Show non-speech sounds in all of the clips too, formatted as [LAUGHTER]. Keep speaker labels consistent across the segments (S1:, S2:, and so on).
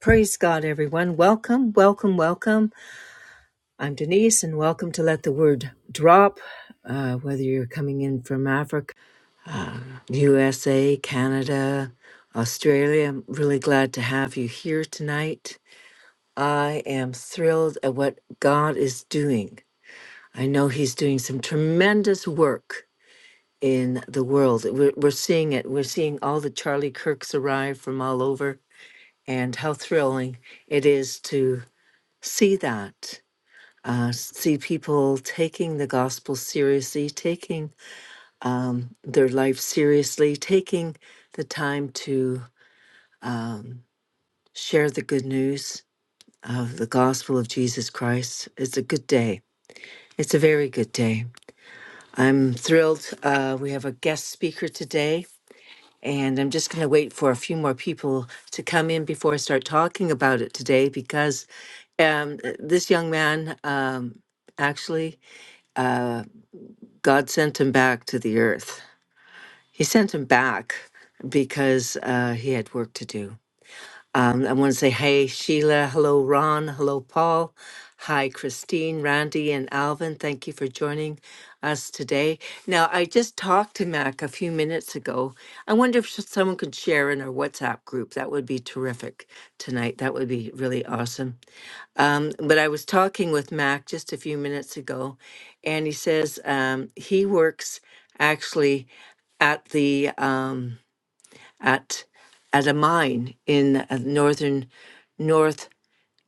S1: Praise God, everyone. Welcome, welcome, welcome. I'm Denise, and welcome to Let the Word Drop. Uh, whether you're coming in from Africa, USA, Canada, Australia, I'm really glad to have you here tonight. I am thrilled at what God is doing. I know He's doing some tremendous work in the world. We're, we're seeing it. We're seeing all the Charlie Kirks arrive from all over, and how thrilling it is to see that uh, see people taking the gospel seriously, taking um, their life seriously, taking the time to share the good news of the gospel of Jesus Christ. It's a good day. It's a very good day. I'm thrilled. Uh, we have a guest speaker today, and I'm just going to wait for a few more people to come in before I start talking about it today because um, this young man um, actually, God sent him back to the earth He sent him back because uh, he had work to do. Um, I want to say, hey, Sheila. Hello, Ron. Hello, Paul. Hi, Christine, Randy, and Alvin. Thank you for joining us today. Now, I just talked to Mac a few minutes ago. I wonder if sh- someone could share in our WhatsApp group. That would be terrific tonight. That would be really awesome. Um, but I was talking with Mac just a few minutes ago, and he says um, he works actually at the um, at at a mine in uh, northern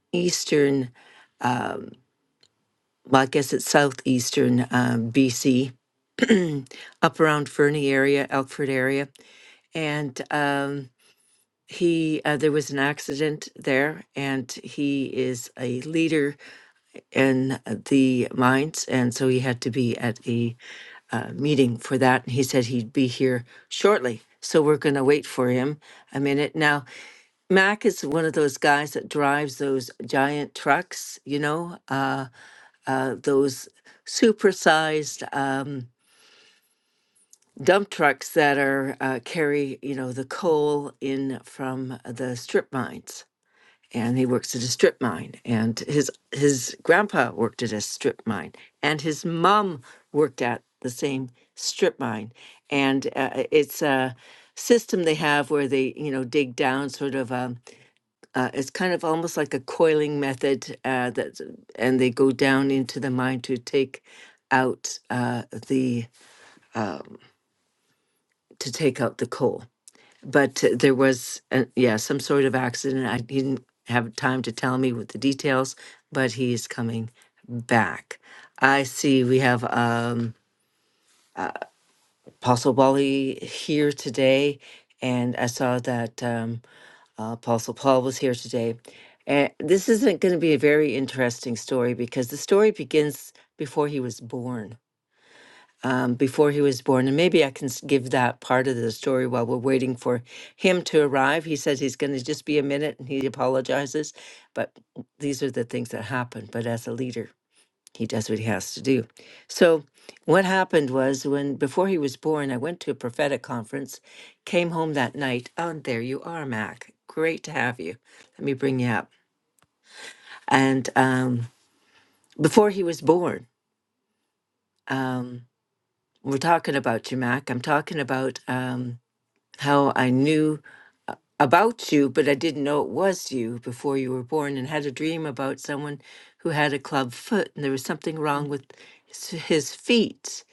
S1: northeastern. Um, well, I guess it's southeastern um, BC, [CLEARS THROAT] up around Fernie area, Elkford area, and um, he uh, there was an accident there, and he is a leader in the mines, and so he had to be at a uh, meeting for that. And he said he'd be here shortly, so we're going to wait for him a minute. Now, Mac is one of those guys that drives those giant trucks, you know, uh, uh, those supersized um, dump trucks that are uh, carry, you know, the coal in from the strip mines and he works at a strip mine and his his grandpa worked at a strip mine and his mom worked at the same strip mine and uh, it's a system they have where they you know dig down sort of um uh, it's kind of almost like a coiling method uh, that and they go down into the mine to take out uh, the um, to take out the coal but uh, there was uh yeah some sort of accident i he didn't have time to tell me with the details but he is coming back i see we have um apostle wally here today and i saw that um uh, apostle paul was here today and this isn't going to be a very interesting story because the story begins before he was born um, before he was born. And maybe I can s- give that part of the story while we're waiting for him to arrive. He says he's going to just be a minute and he apologizes. But these are the things that happen. But as a leader, he does what he has to do. So, what happened was when before he was born, I went to a prophetic conference, came home that night. Oh, and there you are, Mac. Great to have you. Let me bring you up. And um, before he was born, um, we're talking about you, Mac. I'm talking about. Um, how I knew a- about you, but I didn't know it was you before you were born, and had a dream about someone who had a club foot, and there was something wrong with his his feet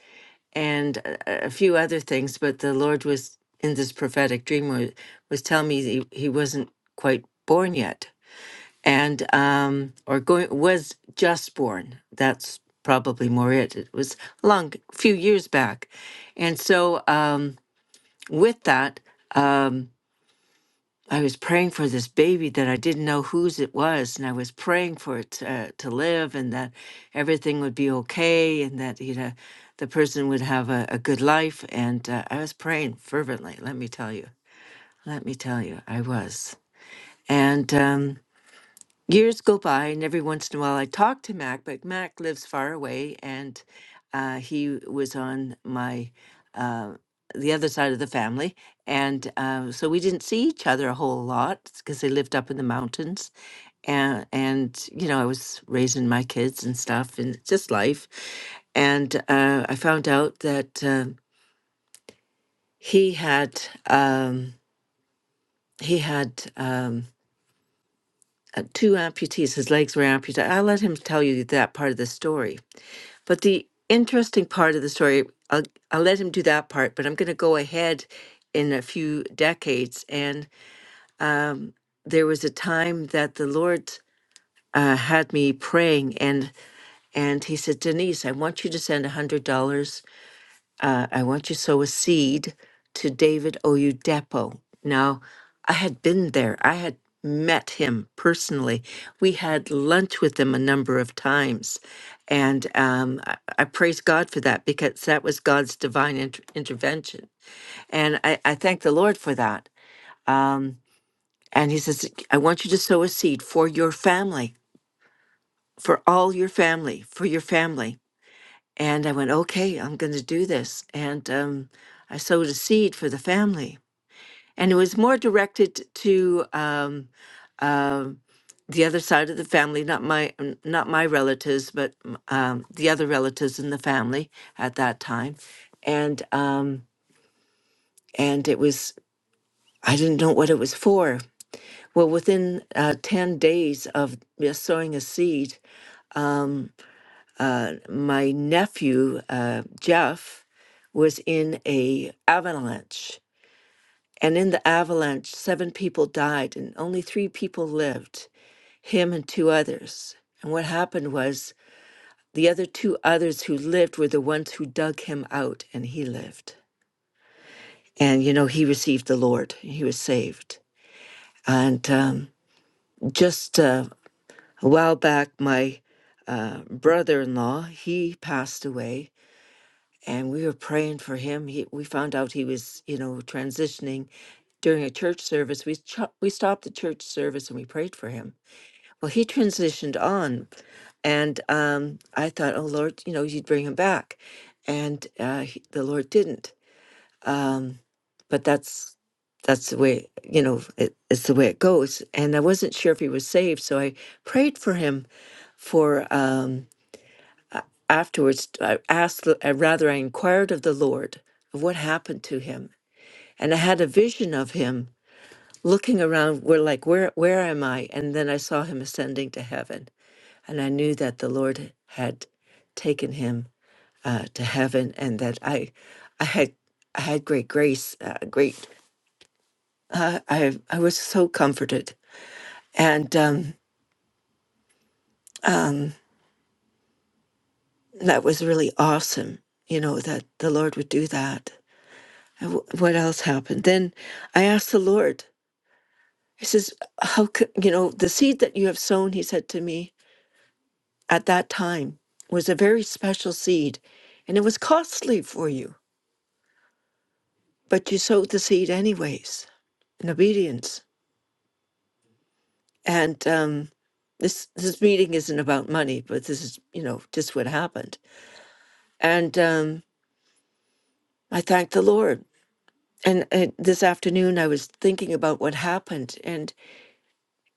S1: and a, a few other things. But the Lord was in this prophetic dream was, was telling me he, he wasn't quite born yet, and um, or going was just born. That's probably more it. It was a long few years back, and so um, with that. Um, I was praying for this baby that I didn't know whose it was, and I was praying for it to, uh, to live, and that everything would be okay, and that you know the person would have a, a good life. And uh, I was praying fervently. Let me tell you. Let me tell you, I was. And um, Years go by, and every once in a while I talk to Mac, but Mac lives far away, and uh, he was on my uh, the other side of the family, and uh, so we didn't see each other a whole lot because they lived up in the mountains, and and you know I was raising my kids and stuff, and just life, and uh, I found out that um he had um, he had. Um, uh, two amputees. His legs were amputated. I'll let him tell you that part of the story. But the interesting part of the story, I'll, I'll let him do that part, but I'm going to go ahead in a few decades. And um, there was a time that the Lord uh, had me praying, and, and he said, Denise, I want you to send $100 uh, I want you to sow a seed to David Oyedepo. Now, I had been there. I had met him personally. We had lunch with him a number of times. And um, I, I praise God for that because that was God's divine inter- intervention. And I, I thank the Lord for that. Um, and he says, I want you to sow a seed for your family, for all your family, for your family and I went, okay, I'm going to do this. And um, I sowed a seed for the family. And it was more directed to um, um the other side of the family, not my n- not my relatives, but m- um, the other relatives in the family at that time. And um, and it was I didn't know what it was for. Well, within uh, ten days of just sowing a seed, uh, my nephew uh, Jeff was in a avalanche, and in the avalanche, seven people died and only three people lived, him and two others. And what happened was the other two others who lived were the ones who dug him out, and he lived. And you know, he received the Lord; he was saved. And um, just uh, a while back, my uh, brother-in-law he passed away and we were praying for him. He, we found out he was, you know, transitioning during a church service. We ch- we stopped the church service and we prayed for him. Well, he transitioned on, and um, I thought, oh Lord, you know, you'd bring him back, and uh, he, the Lord didn't. Um, but that's that's the way you know it, it's the way it goes. And I wasn't sure if he was saved, so I prayed for him for. Um, afterwards i asked uh, rather i inquired of the lord of what happened to him and i had a vision of him looking around where like where where am i and then i saw him ascending to heaven and i knew that the lord had taken him uh, to heaven and that i i had i had great grace uh, great uh, i i was so comforted and um that was really awesome you know that the lord would do that And wh- what else happened then i asked the lord He says, How could you know the seed that you have sown? He said to me at that time was a very special seed and it was costly for you, but you sowed the seed anyways in obedience. And um, this this meeting isn't about money, but this is you know just what happened. And um, I thank the Lord. And, and this afternoon I was thinking about what happened, and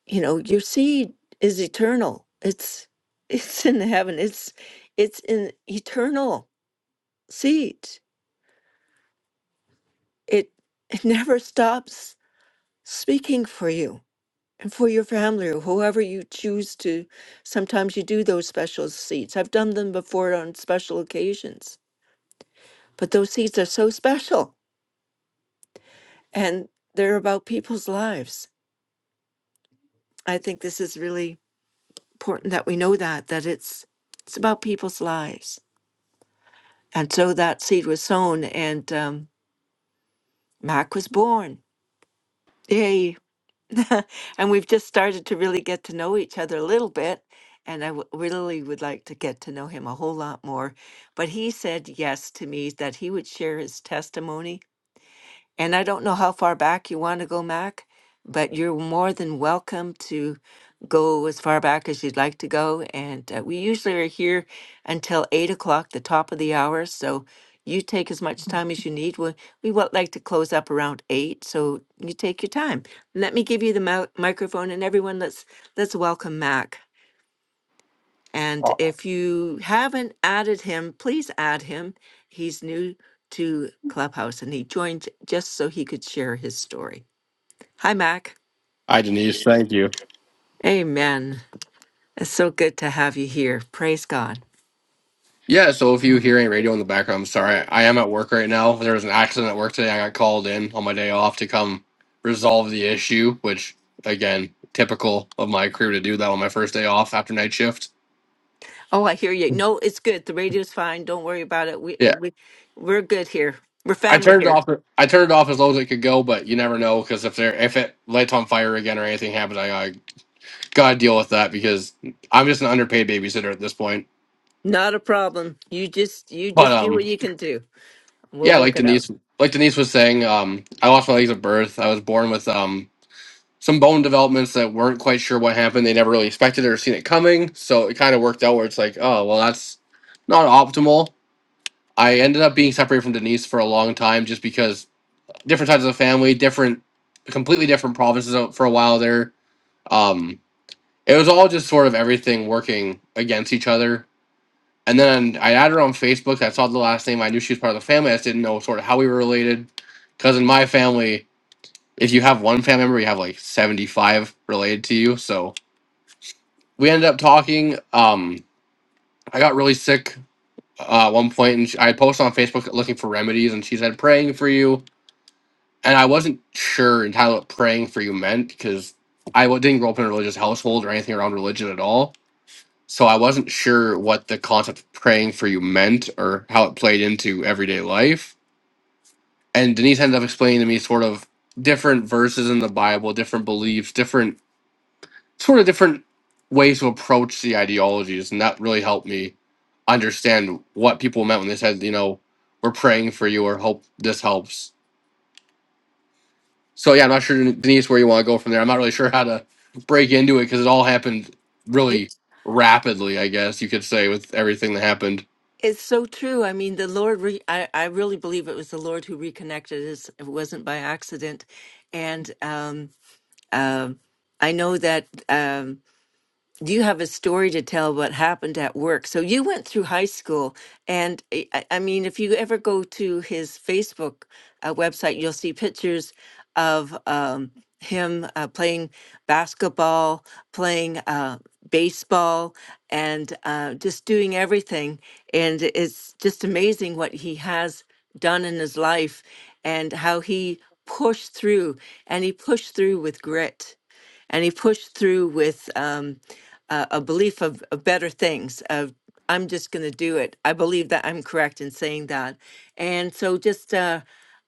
S1: you know your seed is eternal. It's [LAUGHS] it's in heaven. It's it's in eternal seed. It it [LAUGHS] never stops speaking for you and for your family or whoever you choose to. Sometimes you do those special seeds. I've done them before on special occasions, but those seeds are so special and they're about people's lives. I think this is really important that we know that that it's it's about people's lives. And so that seed was sown, and um, Mac was born. Yay! [LAUGHS] and we've just started to really get to know each other a little bit. And I w- really would like to get to know him a whole lot more. But he said yes to me that he would share his testimony and I don't know how far back you want to go, Mac, but you're more than welcome to go as far back as you'd like to go. And uh, we usually are here until eight o'clock, the top of the hour. So you take as much time as you need. We, we would like to close up around eight, so you take your time. Let me give you the mou- microphone, and everyone, let's let's welcome Mac. And if you haven't added him, please add him. He's new to Clubhouse and he joined just so he could share his story. Hi, Mac.
S2: Hi, Denise. Thank you.
S1: Amen. It's so good to have you here. Praise God.
S2: Yeah, so if you hear any radio in the background, I'm sorry. I am at work right now. There was an accident at work today. I got called in on my day off to come resolve the issue, which, again, typical of my crew to do that on my first day off after night shift.
S1: Oh, I hear you. No, it's good. The radio's fine. Don't worry about it. We
S2: Yeah,
S1: we we're good here. We're
S2: I
S1: family
S2: turned it
S1: here.
S2: off. I turned it off as low as it could go, but you never know because if there if it lights on fire again or anything happens, I gotta, gotta deal with that because I'm just an underpaid babysitter at this point.
S1: Not a problem. You just you
S2: But
S1: just do
S2: um,
S1: what you can do. We'll
S2: Yeah,
S1: work
S2: like
S1: it out.
S2: Denise, like Denise was saying, um, I lost my legs at birth. I was born with um, some bone developments that weren't quite sure what happened. They never really expected it or seen it coming, so it kind of worked out where it's like, oh, well, that's not optimal. I ended up being separated from Denise for a long time just because different sides of the family, different, completely different provinces out for a while there. Um, it was all just sort of everything working against each other and then I added her on Facebook. I saw the last name. I knew she was part of the family. I just didn't know sort of how we were related. Because in my family, if you have one family member, you have like 75 related to you. So we ended up talking. Um, I got really sick uh, at one point, and she, I posted on Facebook looking for remedies, and she said, praying for you. And I wasn't sure entirely what praying for you meant because I w- didn't grow up in a religious household or anything around religion at all. so I wasn't sure what the concept of praying for you meant or how it played into everyday life. And Denise ended up explaining to me sort of different verses in the Bible, different beliefs, different sort of different ways to approach the ideologies, and that really helped me understand what people meant when they said, you know, we're praying for you or hope this helps. So yeah, I'm not sure Denise where you want to go from there. I'm not really sure how to break into it because it all happened really rapidly, I guess you could say, with everything that happened
S1: It's so true. I mean, the Lord, re- I, I really believe it was the Lord who reconnected us. It wasn't by accident. And um, um I know that. Um, you have a story to tell what happened at work. So you went through high school, and I, I I mean, if you ever go to his Facebook uh, website, you'll see pictures of um, him uh, playing basketball, playing uh, baseball, and uh, just doing everything. And it's just amazing what he has done in his life and how he pushed through, and he pushed through with grit and he pushed through with um, a, a belief of, of better things of i'm just going to do it i believe that i'm correct in saying that and so just uh,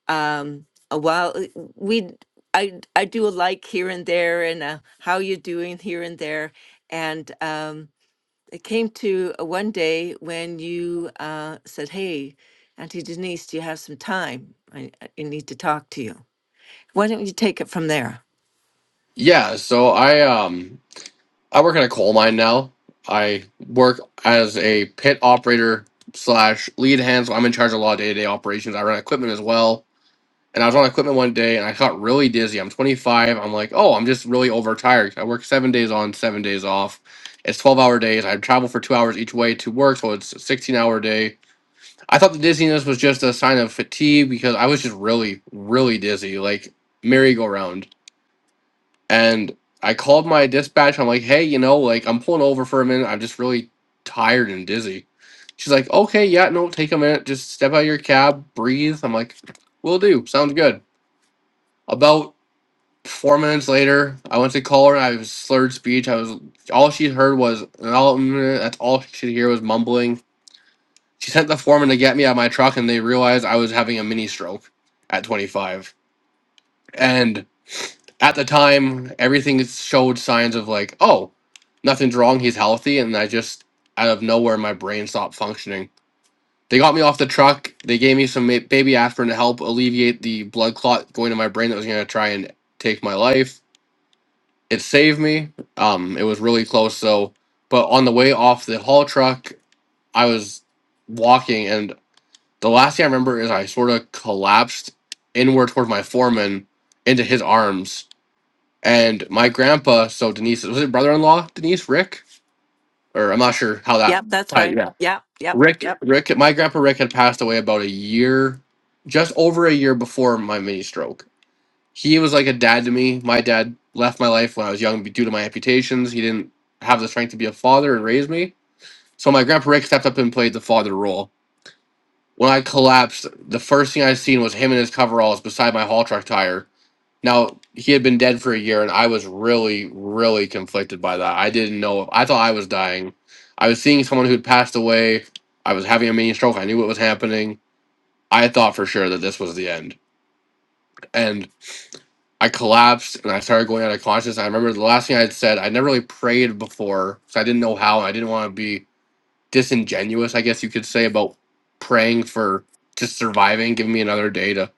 S1: um, a while uh, we I, I do a like here and there and a, how you doing here and there and um, it came to uh, one day when you uh, said hey auntie denise do you have some time I, I need to talk to you why don't you take it from there
S2: Yeah, so I um I work in a coal mine now. I work as a pit operator slash lead hand, so I'm in charge of a lot of day-to-day operations. I run equipment as well. And I was on equipment one day and I got really dizzy. I'm 25. I'm like, oh, I'm just really overtired. I work seven days on, seven days off. It's 12 hour days. I travel for two hours each way to work, so it's a 16 hour day. I thought the dizziness was just a sign of fatigue because I was just really, really dizzy, like merry go round and I called my dispatch. I'm like, hey, you know, like I'm pulling over for a minute. I'm just really tired and dizzy. She's like, okay, yeah, no, take a minute. Just step out of your cab, breathe. I'm like, will do. Sounds good. About four minutes later, I went to call her. and I was slurred speech. I was all she heard was "Oh, mm," that's all she could hear was mumbling. She sent the foreman to get me out of my truck, and they realized I was having a mini stroke at 25. And at the time everything showed signs of like oh nothing's wrong he's healthy and i just out of nowhere my brain stopped functioning they got me off the truck they gave me some ma- baby aspirin to help alleviate the blood clot going to my brain that was going to try and take my life it saved me um it was really close so but on the way off the haul truck i was walking and the last thing i remember is i sort of collapsed inward towards my foreman into his arms and my grandpa, so Denise was it brother in law, Denise, Rick? Or I'm not sure how that
S1: yep that's
S2: tied.
S1: right
S2: Yeah.
S1: yep yep yep
S2: Rick Rick my grandpa Rick had passed away about a year just over a year before my mini stroke. He was like a dad to me. My dad left my life when I was young due to my amputations. He didn't have the strength to be a father and raise me. So my grandpa Rick stepped up and played the father role. When I collapsed, the first thing I seen was him in his coveralls beside my haul truck tire now, he had been dead for a year, and I was really, really conflicted by that. I didn't know. I thought I was dying. I was seeing someone who'd passed away. I was having a mini stroke. I knew what was happening. I thought for sure that this was the end. And I collapsed and I started going out of consciousness. I remember the last thing I had said, I never really prayed before, so I didn't know how. And I didn't want to be disingenuous, I guess you could say, about praying for just surviving, giving me another day to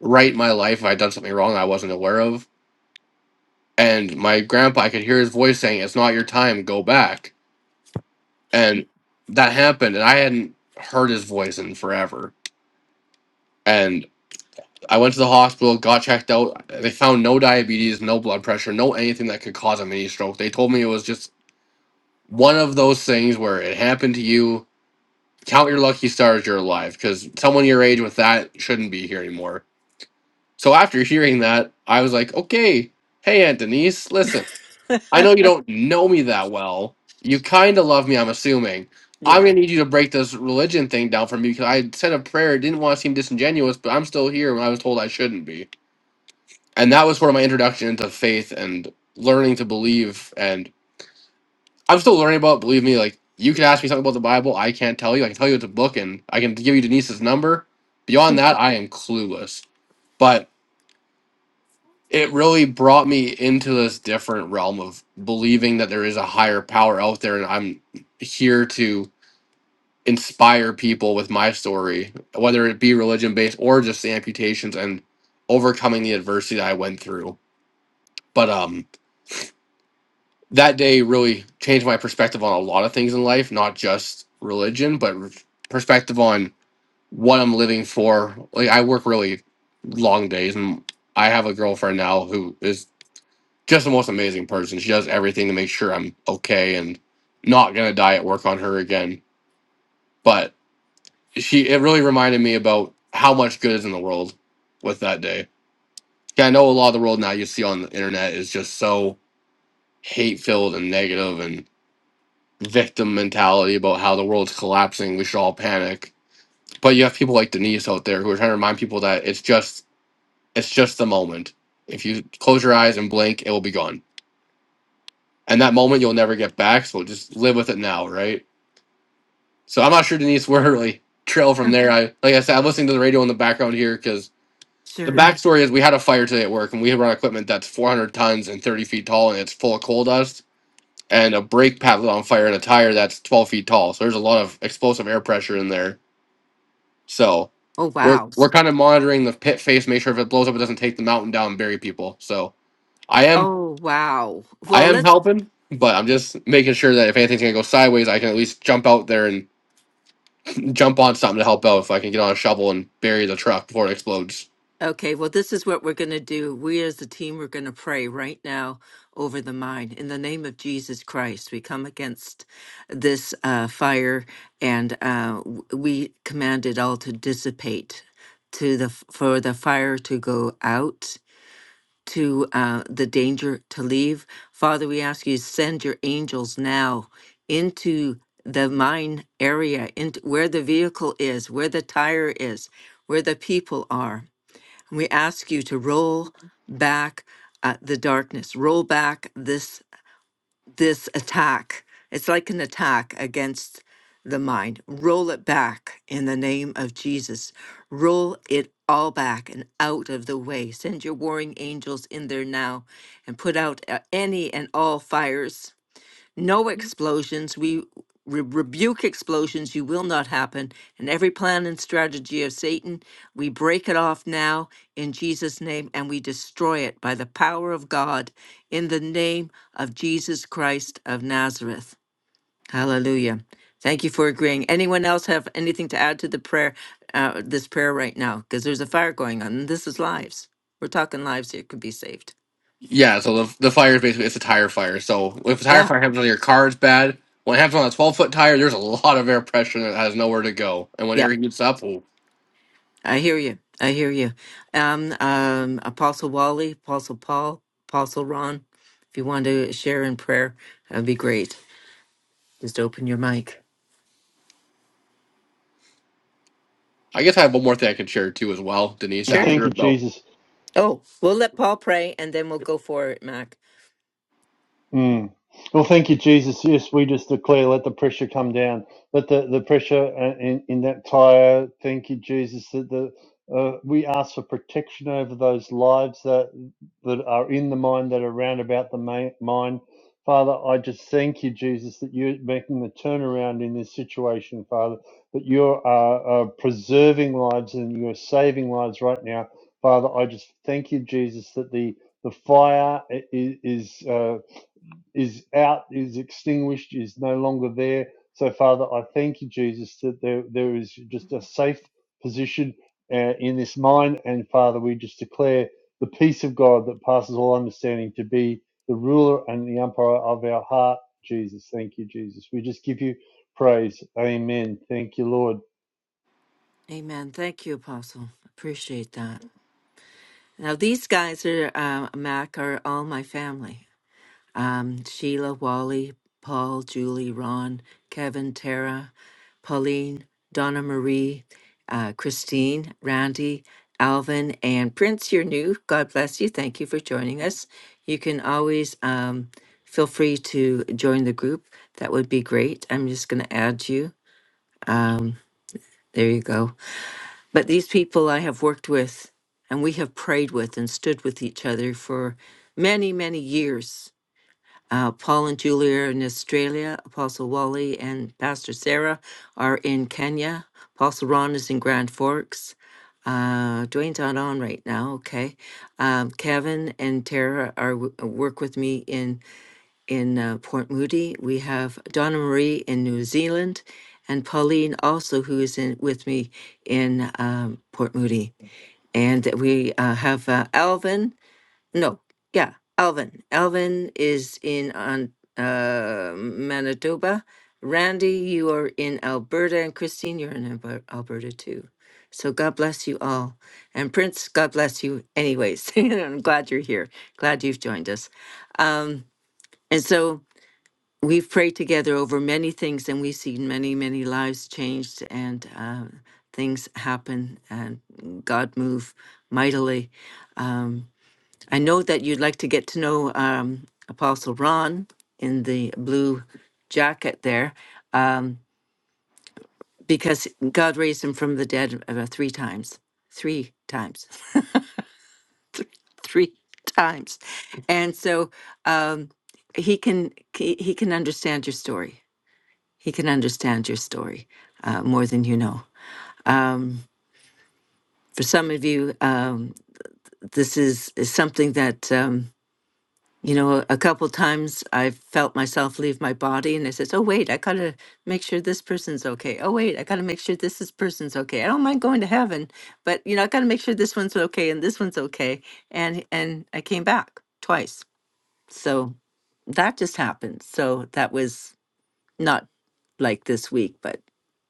S2: right my life if I'd done something wrong I wasn't aware of and my grandpa i could hear his voice saying it's not your time go back and that happened and i hadn't heard his voice in forever and i went to the hospital got checked out they found no diabetes no blood pressure no anything that could cause a mini stroke they told me it was just one of those things where it happened to you count your lucky stars you're alive because someone your age with that shouldn't be here anymore so after hearing that i was like okay hey aunt denise listen I know you don't know me that well. You kind of love me, I'm assuming. I'm
S1: Yeah.
S2: gonna need you to break this religion thing down for me because I said a prayer. Didn't want to seem disingenuous, but I'm still here when I was told I shouldn't be. And that was sort of my introduction into faith and learning to believe. And I'm still learning about. it, Believe me, like you can ask me something about the Bible, I can't tell you. I can tell you it's a book, and I can give you Denise's number. Beyond that, I am clueless. But it really brought me into this different realm of believing that there is a higher power out there and I'm here to inspire people with my story, whether it be religion based or just the amputations and overcoming the adversity that I went through. But um that day really changed my perspective on a lot of things in life, not just religion, but r- perspective on what I'm living for. Like I work really long days and I have a girlfriend now who is just the most amazing person. She does everything to make sure I'm okay and not gonna die at work on her again. But she it really reminded me about how much good is in the world with that day. Yeah, I know a lot of the world now you see on the internet is just so hate filled and negative and victim mentality about how the world's collapsing, we should all panic. But you have people like Denise out there who are trying to remind people that it's just it's just the moment. If you close your eyes and blink, it will be gone. And that moment you'll never get back, so just live with it now, right? So I'm not sure Denise where really trail from
S1: Huh,
S2: there. I like I said, I'm listening to the radio in the background here because the
S1: Sure.
S2: backstory is we had a fire today at work and we run equipment that's 400 tons and 30 feet tall and it's full of coal dust and a brake pad lit on fire and a tire that's 12 feet tall. So there's a lot of explosive air pressure in there. So
S1: Oh,
S2: we're
S1: wow. S-
S2: we're kind of monitoring the pit face, make sure if it blows up, it doesn't take the mountain down and bury people. So I am
S1: Oh, wow.
S2: I
S1: Well,
S2: am
S1: let's.
S2: helping, but I'm just making sure that if anything's gonna go sideways, I can at least jump out there and jump on something to help out if I can get on a shovel and bury the truck before it explodes.
S1: Okay. Well, this is what we're going to do. We as a team, we're going to pray right now over the mind. In the name of Jesus Christ, we come against this uh, fire and uh, w- we command it all to dissipate to the f- for the fire to go out to uh, the danger to leave. Father, we ask you to send your angels now into the mine area, into where the vehicle is, where the tire is, where the people are. We ask you to roll back uh, the darkness, roll back this this attack. It's like an attack against the mind. Roll it back in the name of Jesus. Roll it all back and out of the way. Send your warring angels in there now and put out uh, any and all fires no explosions. We re- rebuke explosions. You will not happen. And every plan and strategy of Satan, we break it off now in Jesus' name and we destroy it by the power of God in the name of Jesus Christ of Nazareth. Hallelujah. Thank you for agreeing. Anyone else have anything to add to the prayer, uh, this prayer right now? Because there's a fire going on and this is lives. We're talking lives here could be saved.
S2: Yeah, so the, the fire is basically it's a tire fire. So if a tire fire happens on your car, it's bad. When it happens on a 12 foot tire, there's a lot of air pressure that has nowhere to go. And
S1: Yeah.
S2: when air heats up, well,
S1: I hear you. I hear you. Um, um, Apostle Wally, Apostle Paul, Apostle Ron, if you want to share in prayer, that'd be great. Just open your mic.
S2: I guess I have one more thing I can share too as well, Denise.
S1: Sure.
S2: After
S3: Thank you,
S2: about
S3: Jesus.
S1: Oh, we'll let Paul pray and then we'll go for it, Mac.
S3: Mm. Well, thank you, Jesus. Yes, we just declare, let the pressure come down. Let the, the pressure uh, in, in that tire, thank you, Jesus, that the, uh, we ask for protection over those lives that, that are in the mind, that are round about the ma- mind. Father, I just thank you, Jesus, that you're making the turnaround in this situation, Father, that you're uh, uh, preserving lives and you're saving lives right now. Father, I just thank you, Jesus, that the, the fire is, is uh, is out, is extinguished, is no longer there. So, Father, I thank you, Jesus, that there, there is just a safe position uh, in this mind. And, Father, we just declare the peace of God that passes all understanding to be the ruler and the umpire of our heart, Jesus. Thank you, Jesus. We just give you praise. Amen. Thank you, Lord.
S1: Amen. Thank you, Apostle. Appreciate that. Now, these guys are, uh, Mac, are all my family. um, Sheila, Wally, Paul, Julie, Ron, Kevin, Tara, Pauline, Donna Marie, uh, Christine, Randy, Alvin, and Prince, you're new. God bless you. Thank you for joining us. You can always um, feel free to join the group. That would be great. I'm just going to add you. Um, there you go. But these people I have worked with and we have prayed with and stood with each other for many, many years uh, Paul and Julie are in Australia. Apostle Wally and Pastor Sarah are in Kenya. Apostle Ron is in Grand Forks. Uh, Dwayne's not on right now. Okay. Um, Kevin and Tara are w- work with me in in uh, Port Moody. We have Donna Marie in New Zealand, and Pauline also who is in with me in um, Port Moody. And we uh, have uh, Alvin no, yeah, Alvin. Alvin is in on uh, Manitoba. Randy, you are in Alberta, and Christine, you're in Alber- Alberta too. So God bless you all, and Prince, God bless you. Anyways, [LAUGHS] and I'm glad you're here. Glad you've joined us. Um, and so we've prayed together over many things, and we've seen many, many lives changed and uh, things happen, and God move mightily. Um, I know that you'd like to get to know um, Apostle Ron in the blue jacket there, um, because God raised him from the dead uh, three times, three times, [LAUGHS] three three times, and so um, he can he, he can understand your story. He can understand your story uh, more than you know. Um, for some of you, um, this is, is something that. Um, You know, a couple times I felt myself leave my body and I says, Oh wait, I gotta make sure this person's okay. Oh wait, I gotta make sure this is person's okay. I don't mind going to heaven, but you know, I gotta make sure this one's okay and this one's okay. And and I came back twice. So that just happened. So that was not like this week, but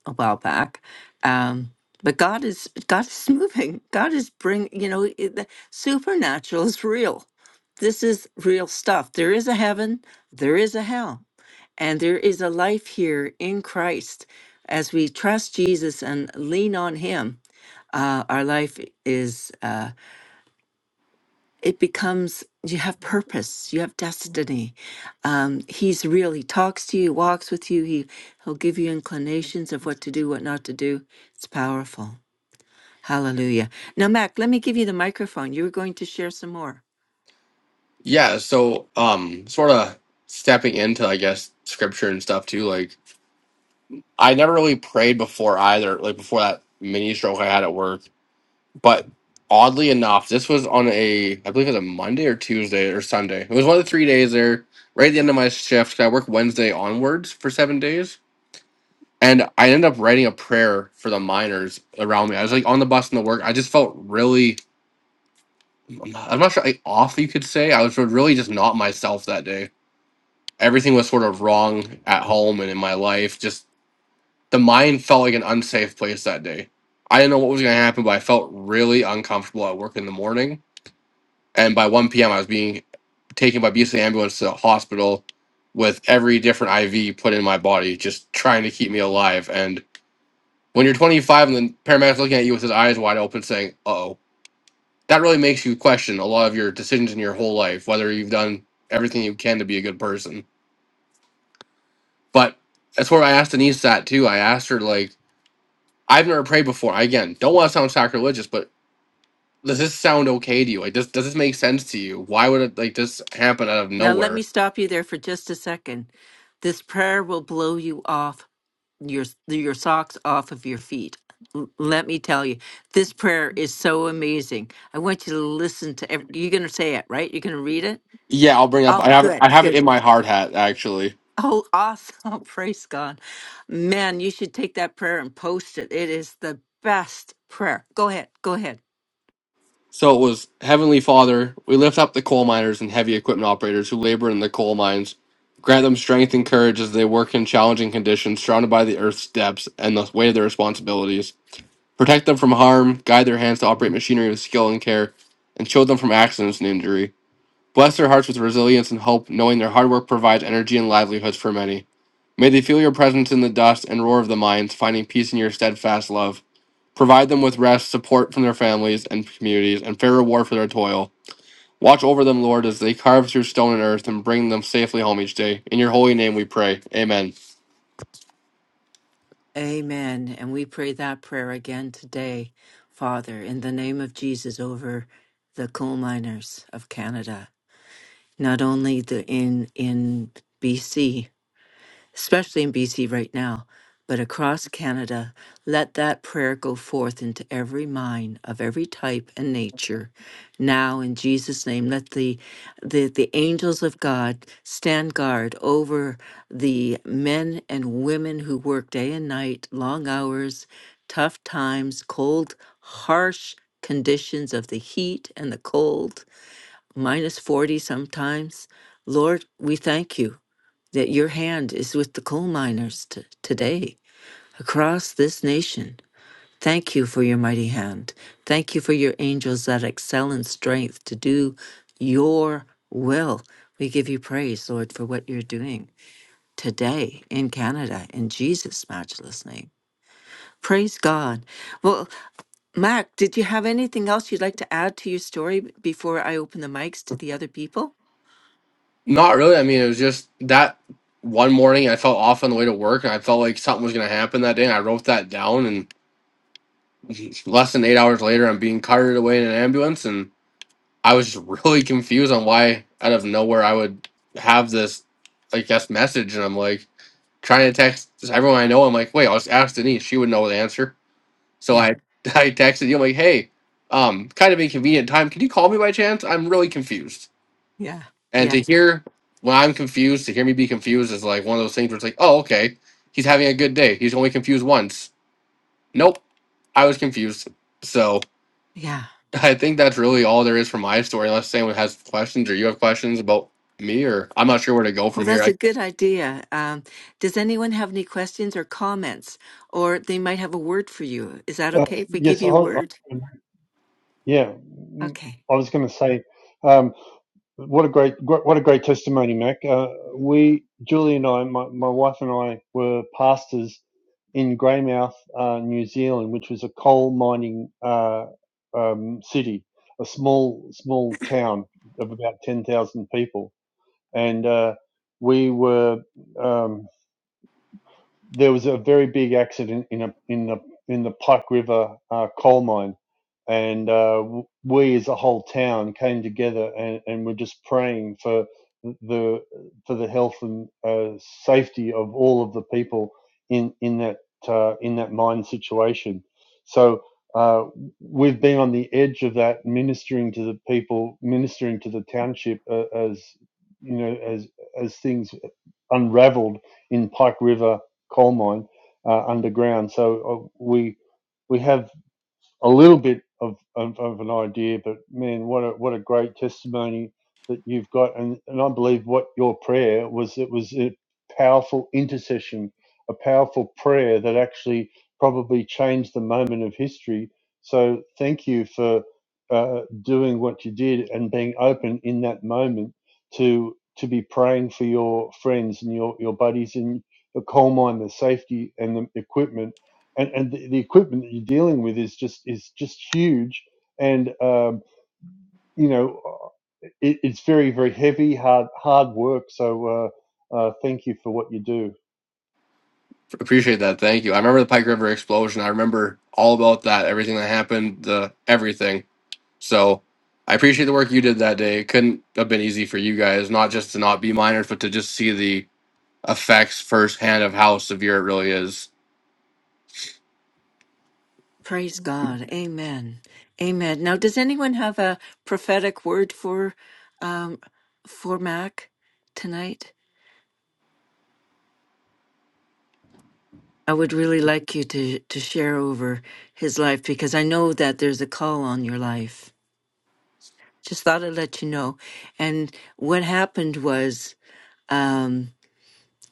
S1: a while back. Um, but God is God is [LAUGHS] moving. God is bring you know it- the supernatural is real. This is real stuff. There is a heaven. There is a hell, and there is a life here in Christ. As we trust Jesus and lean on Him, uh, our life is. Uh, it becomes you have purpose you have destiny um, he's real he talks to you walks with you he, he'll give you inclinations of what to do what not to do it's powerful hallelujah now mac let me give you the microphone you were going to share some more
S2: yeah, so um, sort of stepping into I guess scripture and stuff too. Like I never really prayed before either. Like before that mini stroke I had at work But oddly enough, this was on a I believe it was a Monday or Tuesday or Sunday. It was one of the three days there, right at the end of my shift. 'cause I work Wednesday onwards for seven days. And I ended up writing a prayer for the miners around me. I was like on the bus in the work. I just felt really, I'm not I'm not sure, like off, you could say. I was really just not myself that day. Everything was sort of wrong at home and in my life. Just the mind felt like an unsafe place that day. I didn't know what was going to happen, but I felt really uncomfortable at work in the morning and by 1 p.m. I was being taken by BC ambulance to the hospital with every different IV put in my body, just trying to keep me alive. And when you're 25 and the paramedic's looking at you with his eyes wide open, saying, "Oh," that really makes you question a lot of your decisions in your whole life, whether you've done everything you can to be a good person. But that's where I asked Denise that too. I asked her like, "I've never prayed before. I, again, don't want to sound sacrilegious, but." Does this sound okay to you? Like, does, does this make sense to you? Why would it like this happen out of
S1: now let
S2: nowhere?
S1: me stop you there for just a second this prayer will blow you off your your socks off of your feet L- let me tell you this prayer is so amazing i want you to listen to every, you're going to say it right you're going to read it
S2: Yeah, I'll bring up. I
S1: Oh,
S2: have it. I
S1: good,
S2: have
S1: good.
S2: it in my hard hat actually.
S1: Oh, awesome. [LAUGHS] Praise God. Man, you should take that prayer and post it. It is the best prayer. Go ahead. Go ahead.
S2: So it was Heavenly Father. We lift up the coal miners and heavy equipment operators who labor in the coal mines. Grant them strength and courage as they work in challenging conditions, surrounded by the earth's depths and the weight of their responsibilities. Protect them from harm. Guide their hands to operate machinery with skill and care, and shield them from accidents and injury. Bless their hearts with resilience and hope, knowing their hard work provides energy and livelihoods for many. May they feel your presence in the dust and roar of the mines, finding peace in your steadfast love. Provide them with rest, support from their families and communities, and fair reward for their toil. Watch over them, Lord, as they carve through stone and earth and bring them safely home each day. In your holy name we pray. Amen.
S1: Amen. And we pray that prayer again today, Father, in the name of Jesus over the coal miners of Canada, not only the in in BC, especially in BC right now, but across Canada, let that prayer go forth into every mind of every type and nature. Now in Jesus' name, let the the, the angels of God stand guard over the men and women who work day and night, long hours, tough times, cold, harsh conditions of the heat and the cold, minus 40 sometimes. Lord, we thank you that your hand is with the coal miners t- today across this nation. Thank you for your mighty hand. Thank you for your angels that excel in strength to do your will. We give you praise, Lord, for what you're doing today in Canada in Jesus' matchless name. Praise God. Well, Mac, did you have anything else you'd like to add to your story b- before I open the mics to the other people?
S2: Not really. I mean, it was just that one morning I felt off on the way to work and I felt like something was going to happen that day. And I wrote that down. And [LAUGHS] less than eight hours later, I'm being carted away in an ambulance. And I was just [LAUGHS] really confused on why, out of nowhere, I would have this, I guess, message. And I'm like, trying to text everyone I know. I'm like, wait, I'll just ask Denise. She would know the answer. So
S1: Yeah,
S2: I, [LAUGHS] I texted you. I'm like, hey, um, kind of inconvenient time. Can you call me by chance? I'm really confused.
S1: yeah,
S2: And
S1: yeah,
S2: to hear when I'm confused, to hear me be confused is like one of those things where it's like, oh, okay, he's having a good day. He's only confused once. Nope, I was confused. So
S1: yeah.
S2: [LAUGHS] I think that's really all there is for my story. Unless anyone has questions or you have questions about me, or I'm not sure where to go
S1: Well,
S2: from here.
S1: that's a good idea. Um, does anyone have any questions or comments? Or they might have a word for you. Is that
S3: Uh,
S1: okay if we give
S3: yes, I,
S1: you a word?
S3: I- yeah, mm,
S1: Okay.
S3: I was going to say. um, What a great, what a great testimony, Mac. Uh, we, Julie and I, my, my wife and I, were pastors in Greymouth, uh, New Zealand, which was a coal mining uh, um, city, a small, small town of about ten thousand people, and uh, we were. Um, there was a very big accident in a in the in the Pike River uh, coal mine, and uh, we as a whole town came together and, and were just praying for the for the health and uh, safety of all of the people in in that uh, in that mine situation. So uh, we've been on the edge of that, ministering to the people, ministering to the township uh, as you know as as things unraveled in Pike River coal mine uh, underground. So uh, we we have a little bit of, of, of an idea, but man, what a what a great testimony that you've got, and and I believe what your prayer was. It was a powerful intercession, a powerful prayer that actually probably changed the moment of history. So thank you for uh, doing what you did and being open in that moment to to be praying for your friends and your your buddies and the coal mine, the safety and the equipment and and the, the equipment that you're dealing with is just is just huge and um you know uh, it, it's very very heavy hard hard work so uh uh thank you for what you do
S2: Appreciate that. Thank you. I remember the Pike River explosion. I remember all about that, everything that happened, the everything. So I appreciate the work you did that day. It couldn't have been easy for you guys, not just to not be miners, but to just see the effects firsthand of how severe it really is.
S1: Praise God. Amen. Amen. Now, does anyone have a prophetic word for um, for Mac tonight? I would really like you to to share over his life because I know that there's a call on your life. Just thought I'd let you know. And what happened was. um,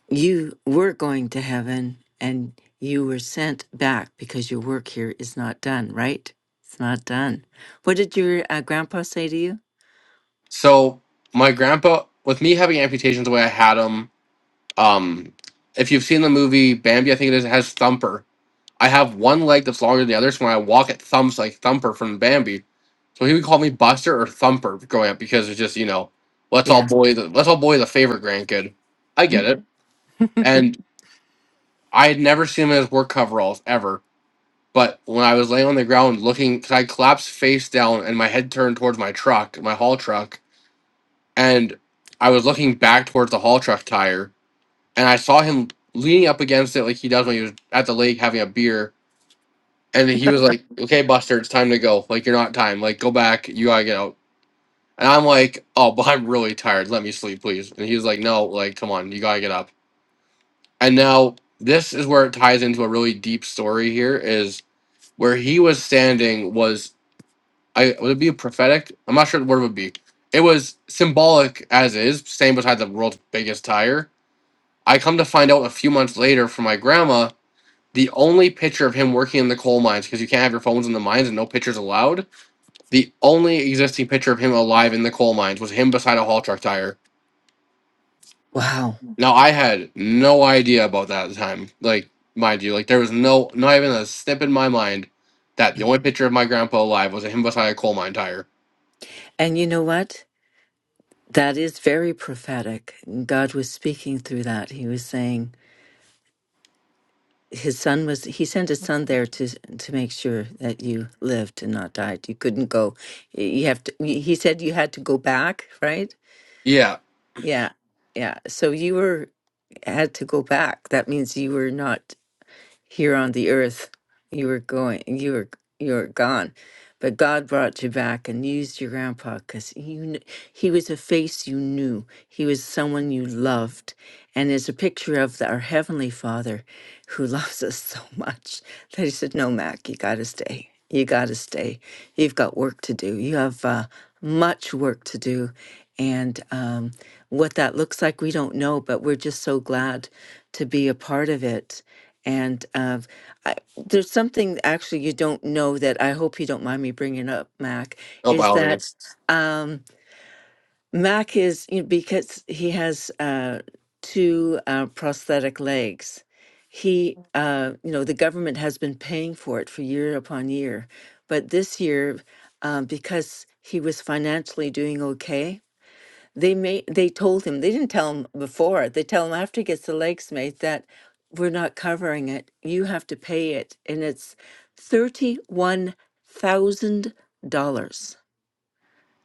S1: you were going to heaven and you were sent back because your work here is not done, right? It's not done. What did your uh, grandpa say to you?
S2: So my grandpa, with me having amputations the way I had them, um, if you've seen the movie Bambi, I think it is, it has Thumper. I have one leg that's longer than the other, so when I walk, it thumps like Thumper from Bambi. So he would call me Buster or Thumper growing up because it's just you know, let's all
S1: Yeah. [CLEARS THROAT]
S2: boy the let's all boy the favorite grandkid. I get it, and I had never seen him in his work coveralls ever. But when I was laying on the ground looking, 'cause I collapsed face down and my head turned towards my truck, my haul truck, and I was looking back towards the haul truck tire, and I saw him leaning up against it like he does when he was at the lake having a beer. And he was like, "Okay, Buster, it's time to go. Like you're not time. Like go back. You gotta get out." And I'm like, oh, but I'm really tired. Let me sleep, please. And he's like, no, like, come on, you gotta get up. And now this is where it ties into a really deep story here is where he was standing was I would it be prophetic? I'm not sure what it would be. It was symbolic as is, same beside the world's biggest tire. I come to find out a few months later from my grandma, the only picture of him working in the coal mines, because you can't have your phones in the mines and no pictures allowed. The only existing picture of him alive in the coal mines was him beside a haul truck tire
S1: Wow.
S2: No, I had no idea about that at the time. Like, mind you, like there was no, not even a snip in my mind that the only picture of my grandpa alive was him beside a coal mine tire.
S1: And you know what? That is very prophetic. God was speaking through that. He was saying his son was he sent his son there to to make sure that you lived and not died. You couldn't go. You have to he said you had to go back, right?
S2: Yeah.
S1: Yeah. Yeah. So you were had to go back. That means you were not here on the earth. You were going, you were, you were gone, but God brought you back and used your grandpa because you, kn- he was a face you knew. He was someone you loved, and is a picture of the- our heavenly Father, who [LAUGHS] loves us so much that he said, "No, Mac, you got to stay. You got to stay. You've got work to do. You have uh, much work to do." And um, what that looks like, we don't know, but we're just so glad to be a part of it and um, I, there's something actually you don't know that I hope you don't mind me bringing up, Mac,
S2: Oh, by
S1: is
S2: all
S1: that
S2: means.
S1: um, Mac is, you know, because he has uh, two uh, prosthetic legs, he, uh, you know, the government has been paying for it for year upon year. But this year, um, because he was financially doing okay, they made they told him they didn't tell him before. They tell him after he gets the legs made that we're not covering it. You have to pay it, and it's thirty one thousand dollars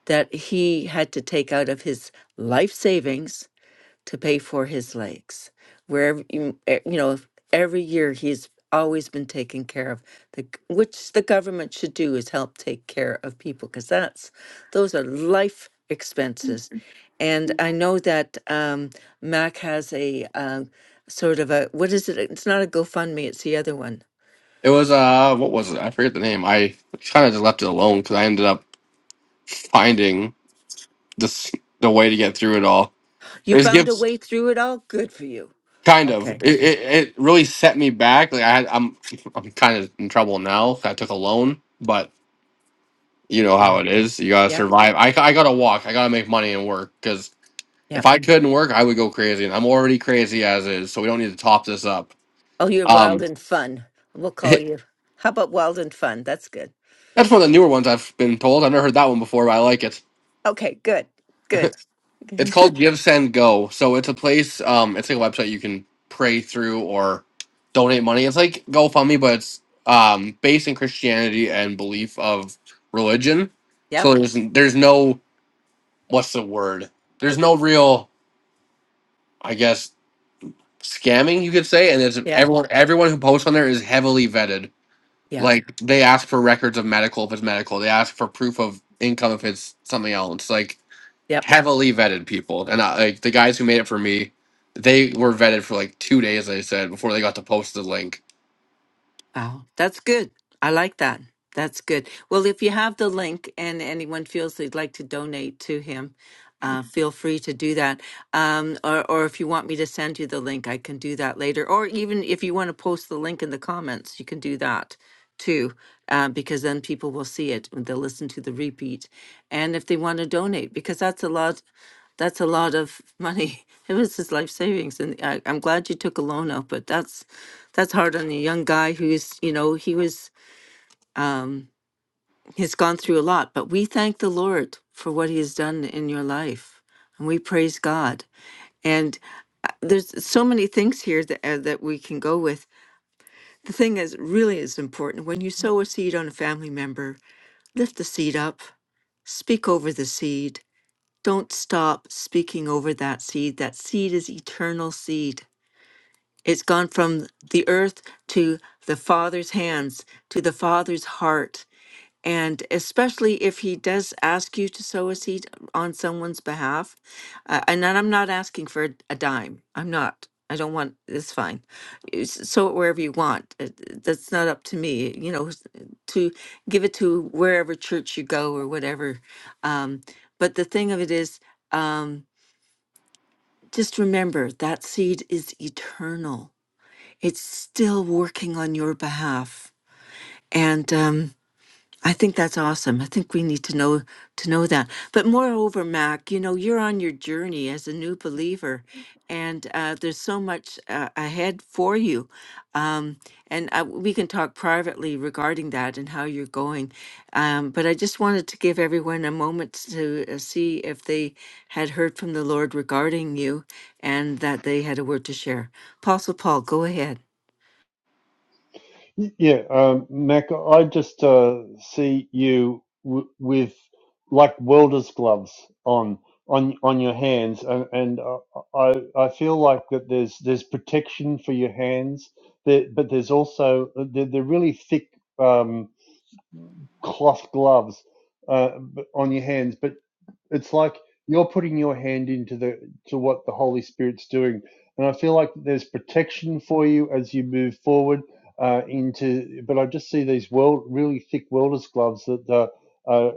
S1: that he had to take out of his life savings to pay for his legs. Wherever you, eh, you know, if every year he's always been taken care of. The g- which the government should do is help take care of people because that's those are life expenses. And I know that um, Mac has a uh, sort of a what is it? It's not a GoFundMe. It's the other one.
S2: It was, uh, what was it? I forget the name. I kind of just left it alone because I ended up finding this, the way to get through it all.
S1: You
S2: It gives
S1: found a way through it all. Good for you.
S2: kind of.
S1: Okay.
S2: It, it, it really set me back. Like, I had, I'm, I'm kind of in trouble now. I took a loan, but you know how
S1: Yeah.
S2: it is. You gotta
S1: Yeah.
S2: survive. I, I gotta walk. I gotta make money and work. Because
S1: Yeah.
S2: if I couldn't work, I would go crazy, and I'm already crazy as is. So we don't need to top this up.
S1: Oh, you're wild
S2: Um,
S1: and fun. We'll
S2: [LAUGHS]
S1: call
S2: that's
S1: you. How about wild and fun? That's good.
S2: one of the newer ones I've been told. I've never heard that one before, but I like it.
S1: Okay, good, good. [LAUGHS]
S2: It's called Give Send Go. So it's a place. Um, it's like a website you can pray through or donate money. It's like GoFundMe, but it's um based in Christianity and belief of religion. So
S1: Yep.
S2: there's there's no what's the word? There's no real I guess scamming, you could say, and it's
S1: Yeah.
S2: everyone everyone who posts on there is heavily vetted.
S1: Yeah.
S2: Like they ask for records of medical if it's medical, they ask for proof of income if it's something else. Like
S1: Yep.
S2: heavily vetted people, and I, like the guys who made it for me, they were vetted for like two days. I said before they got to post the link.
S1: Wow, that's good. I like that. That's good. Well, if you have the link and anyone feels they'd like to donate to him, uh, feel free to do that. Um, or, or if you want me to send you the link, I can do that later. Or even if you want to post the link in the comments, you can do that too, uh, because then people will see it and they'll listen to the repeat. And if they want to donate, because that's a lot, that's a lot of money. [LAUGHS] It was his life savings, and I, I'm glad you took a loan out, but that's that's hard on a young guy who's you know he was um he's gone through a lot but we thank the lord for what he has done in your life and we praise god and uh, there's so many things here that uh, that we can go with the thing is really is important when you sow a seed on a family member lift the seed up speak over the seed don't stop speaking over that seed that seed is eternal seed It's gone from the earth to the Father's hands, to the Father's heart. And especially if he does ask you to sow a seed on someone's behalf, uh, and then I'm not asking for a, a dime. I'm not. I don't want. It's fine. You s- Sow it wherever you want. It- it- That's not up to me. You know, s- to give it to wherever church you go or whatever. Um, but the thing of it is, um, just remember that seed is eternal it's still working on your behalf. And um, I think that's awesome. I think we need to know to know that. But moreover, Mac, you know, you're on your journey as a new believer, and uh, there's so much uh, ahead for you. Um, and uh, we can talk privately regarding that and how you're going. Um, but I just wanted to give everyone a moment to uh, see if they had heard from the Lord regarding you and that they had a word to share. Apostle Paul, go ahead.
S3: Y- yeah um mac i just uh see you w- with like welder's gloves on on on your hands and, and uh, i i feel like that there's there's protection for your hands there but there's also they're, they're really thick Um, cloth gloves uh, on your hands, but it's like you're putting your hand into the to what the Holy Spirit's doing, and I feel like there's protection for you as you move forward uh, into. But I just see these world really thick welders gloves that uh, uh,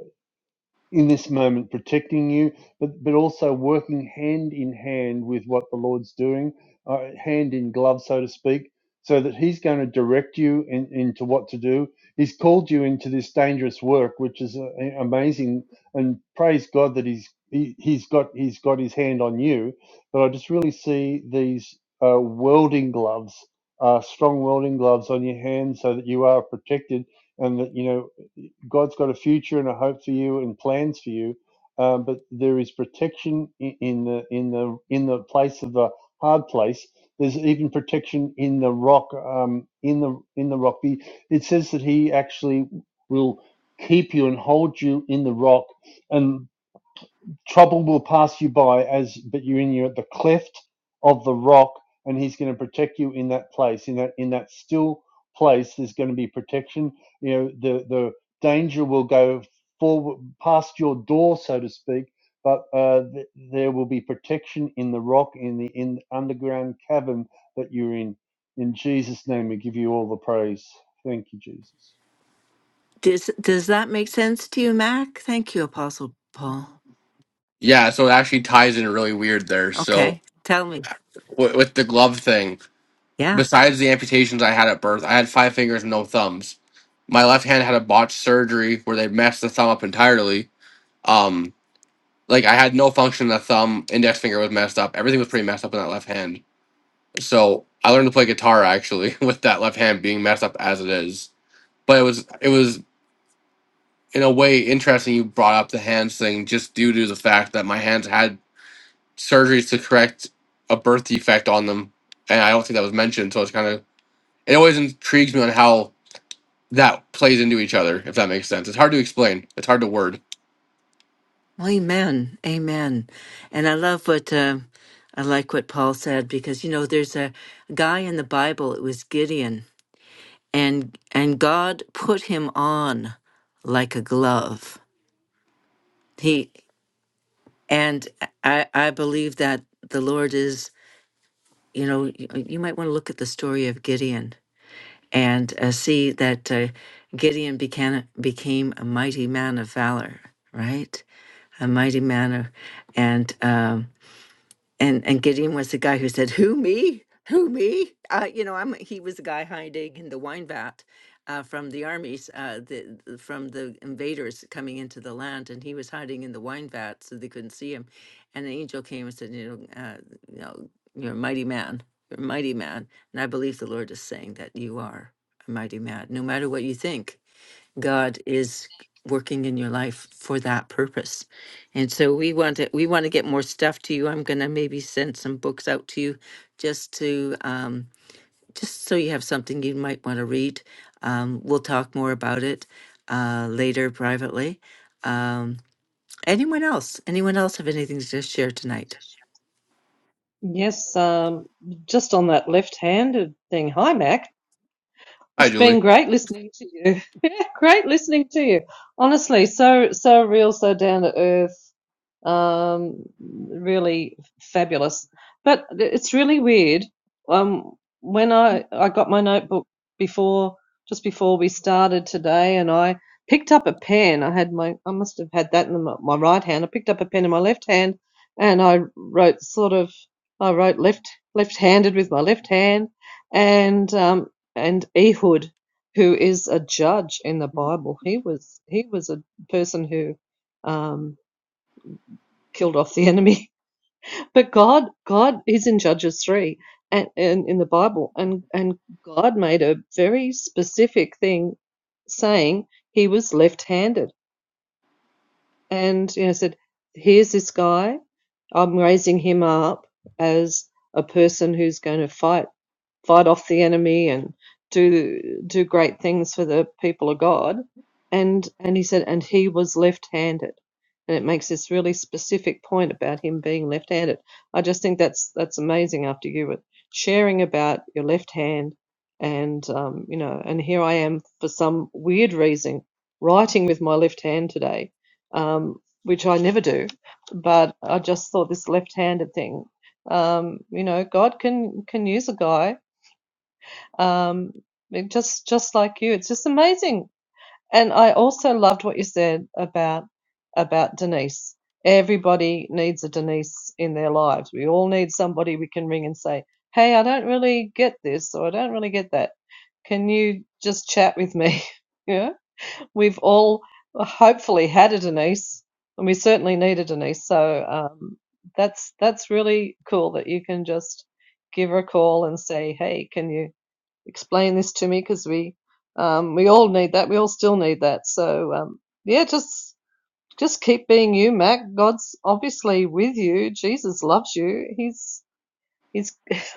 S3: in this moment protecting you, but, but also working hand in hand with what the Lord's doing, uh, hand in glove, so to speak, so that He's going to direct you in, into what to do. He's called you into this dangerous work, which is uh, amazing, and praise God that He's he, He's got He's got His hand on you. But I just really see these uh, welding gloves. Uh, strong welding gloves on your hands so that you are protected and that you know God's got a future and a hope for you and plans for you. Um, but there is protection i- in the in the in the place of the hard place. There's even protection in the rock. Um, in the in the rock, The- it says that He actually will keep you and hold you in the rock. and trouble will pass you by as but you're in your the cleft of the rock and he's going to protect you in that place in that in that still place there's going to be protection you know the the danger will go forward past your door so to speak but uh, th- there will be protection in the rock in the in the underground cavern that you're in in jesus name we give you all the praise thank you jesus
S1: Does does that make sense to you, Mac? Thank you, Apostle Paul.
S2: Yeah, so it actually ties in really weird there. So
S1: Okay, tell me.
S2: w- with the glove thing,
S1: Yeah.
S2: besides the amputations I had at birth, I had five fingers and no thumbs. My left hand had a botched surgery where they messed the thumb up entirely. Um, Like I had no function in the thumb, index finger was messed up. Everything was pretty messed up in that left hand. So I learned to play guitar actually [LAUGHS] with that left hand being messed up as it is. But it was it was in a way interesting you brought up the hands thing just due to the fact that my hands had surgeries to correct a birth defect on them. And I don't think that was mentioned, so it's kinda it always intrigues me on how that plays into each other, if that makes sense. It's hard to explain. It's hard to word.
S1: Well, Amen. Amen. And I love what um I like what Paul said because you know there's a guy in the Bible. It was Gideon, and and God put him on like a glove. He and I I believe that the Lord is. You know, you you might want to look at the story of Gideon and uh, see that uh, Gideon became, became a mighty man of valor, right? A mighty man of, and um, and and Gideon was the guy who said, "Who me? Who me?" Uh, you know, I'm. He was the guy hiding in the wine vat uh, from the armies, uh, the, the- from the invaders coming into the land, and he was hiding in the wine vat so they couldn't see him. And an angel came and said, "You know, uh, you know, you're a mighty man. You're a mighty man." And I believe the Lord is saying that you are a mighty man, no matter what you think God is working in your life for that purpose. And so we want to we want to get more stuff to you. I'm going to maybe send some books out to you just to um just so you have something you might want to read. Um we'll talk more about it uh later privately. Um anyone else? Anyone else have anything to share tonight?
S4: Yes, um, just on that left-handed thing. Hi, Mac.
S2: Hi
S4: It's been
S2: Julie.
S4: great listening to you. [LAUGHS] Yeah, great listening to you. Honestly, so so real, so down to earth. Um, really fabulous. But it's really weird. Um, when I I got my notebook before just before we started today, and I picked up a pen. I had my I must have had that in my, my right hand. I picked up a pen in my left hand, and I wrote sort of I wrote left left handed with my left hand, and um, and Ehud, who is a judge in the Bible. He was he was a person who um, killed off the [LAUGHS] enemy. But God, God is in Judges three and, and in the Bible, and and God made a very specific thing, saying he was left-handed, and you know said, here's this guy, I'm raising him up as a person who's going to fight fight off the enemy and do do great things for the people of God. And and he said, and he was left-handed. And it makes this really specific point about him being left-handed. I just think that's that's amazing after you were sharing about your left hand and um, you know, and here I am for some weird reason writing with my left hand today, um, which I never do. But I just thought this left-handed thing. Um, you know, God can can use a guy um, just just like you, it's just amazing. And I also loved what you said about about Denise. Everybody needs a Denise in their lives. We all need somebody we can ring and say, "Hey, I don't really get this, or I don't really get that. Can you just chat with me?" [LAUGHS] yeah, we've all hopefully had a Denise, and we certainly need a Denise. So um, that's that's really cool that you can just give her a call and say, "Hey, can you?" explain this to me because we um, we all need that. We all still need that. So um, yeah, just just keep being you, Mac. God's obviously with you. Jesus loves you. He's he's. [LAUGHS]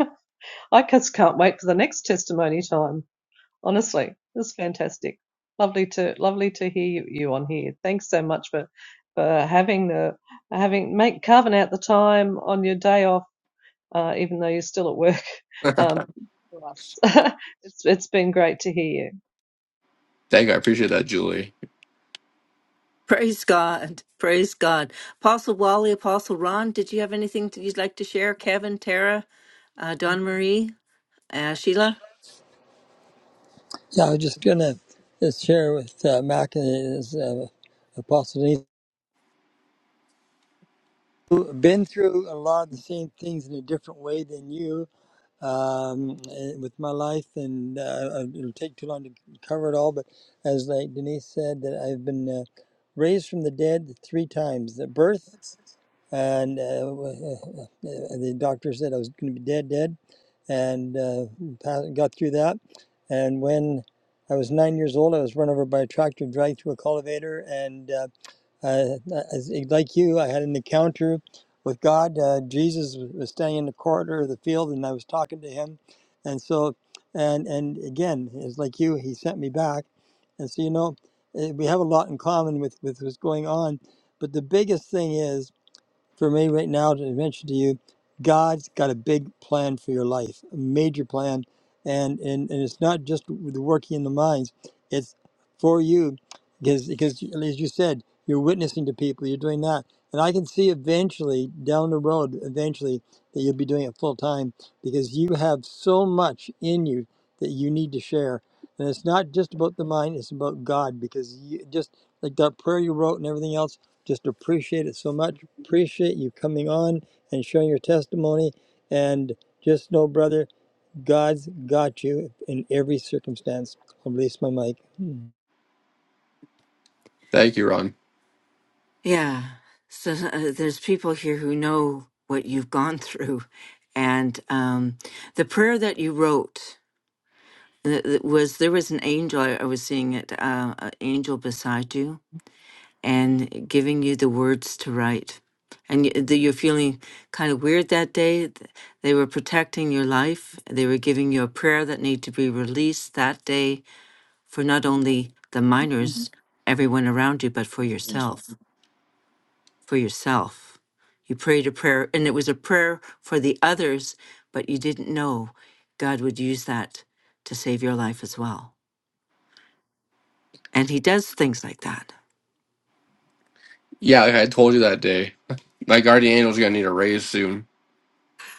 S4: I just can't wait for the next testimony time. Honestly, it's fantastic. Lovely to lovely to hear you on here. Thanks so much for for having the having make carving out the time on your day off, uh, even though you're still at work. [LAUGHS] Um, for us. [LAUGHS] it's it's been great to hear you.
S2: Thank you. I appreciate that, Julie.
S1: [LAUGHS] Praise God. Praise God. Apostle Wally, Apostle Ron, did you have anything that you'd like to share? Kevin, Tara, uh, Don Marie, uh, Sheila?
S5: Yeah, I was just gonna just share with uh, Mac and his uh, apostle Denise, who been through a lot of the same things in a different way than you um, eh, with my life, and uh, it'll take too long to cover it all. But as like Denise said, that I've been uh, raised from the dead three times: the birth, and uh, uh, the doctor said I was going to be dead, dead, and uh, got through that. And when I was nine years old, I was run over by a tractor, dragged through a cultivator, and uh, uh, as, like you, I had an encounter with God. Uh, Jesus was standing in the corridor of the field, and I was talking to him, and so, and and again, it's like you, he sent me back, and so you know, eh, we have a lot in common with with what's going on, but the biggest thing is for me right now to mention to you, God's got a big plan for your life, a major plan, and and, and it's not just the working in the mines; it's for you, because because as you said, you're witnessing to people, you're doing that, and I can see eventually down the road, eventually that you'll be doing it full time because you have so much in you that you need to share. And it's not just about the mind, it's about God because you just like that prayer you wrote and everything else, just appreciate it so much Appreciate you coming on and sharing your testimony. And just know, brother, God's got you in every circumstance. I'll release my mic.
S2: Thank you, Ron.
S1: Yeah. So uh, there's people here who know what you've gone through. And um, the prayer that you wrote uh, uh, was there was an angel, I I was seeing it, uh, an angel beside you and giving you the words to write. And y- the- you're feeling kind of weird that day. th- They were protecting your life. They were giving you a prayer that needed to be released that day for not only the minors, everyone around you, but for yourself for yourself. You prayed a prayer, and it was a prayer for the others, but you didn't know God would use that to save your life as well. And He does things like that.
S2: Yeah, like I told you that day. My guardian angel's gonna need a raise soon.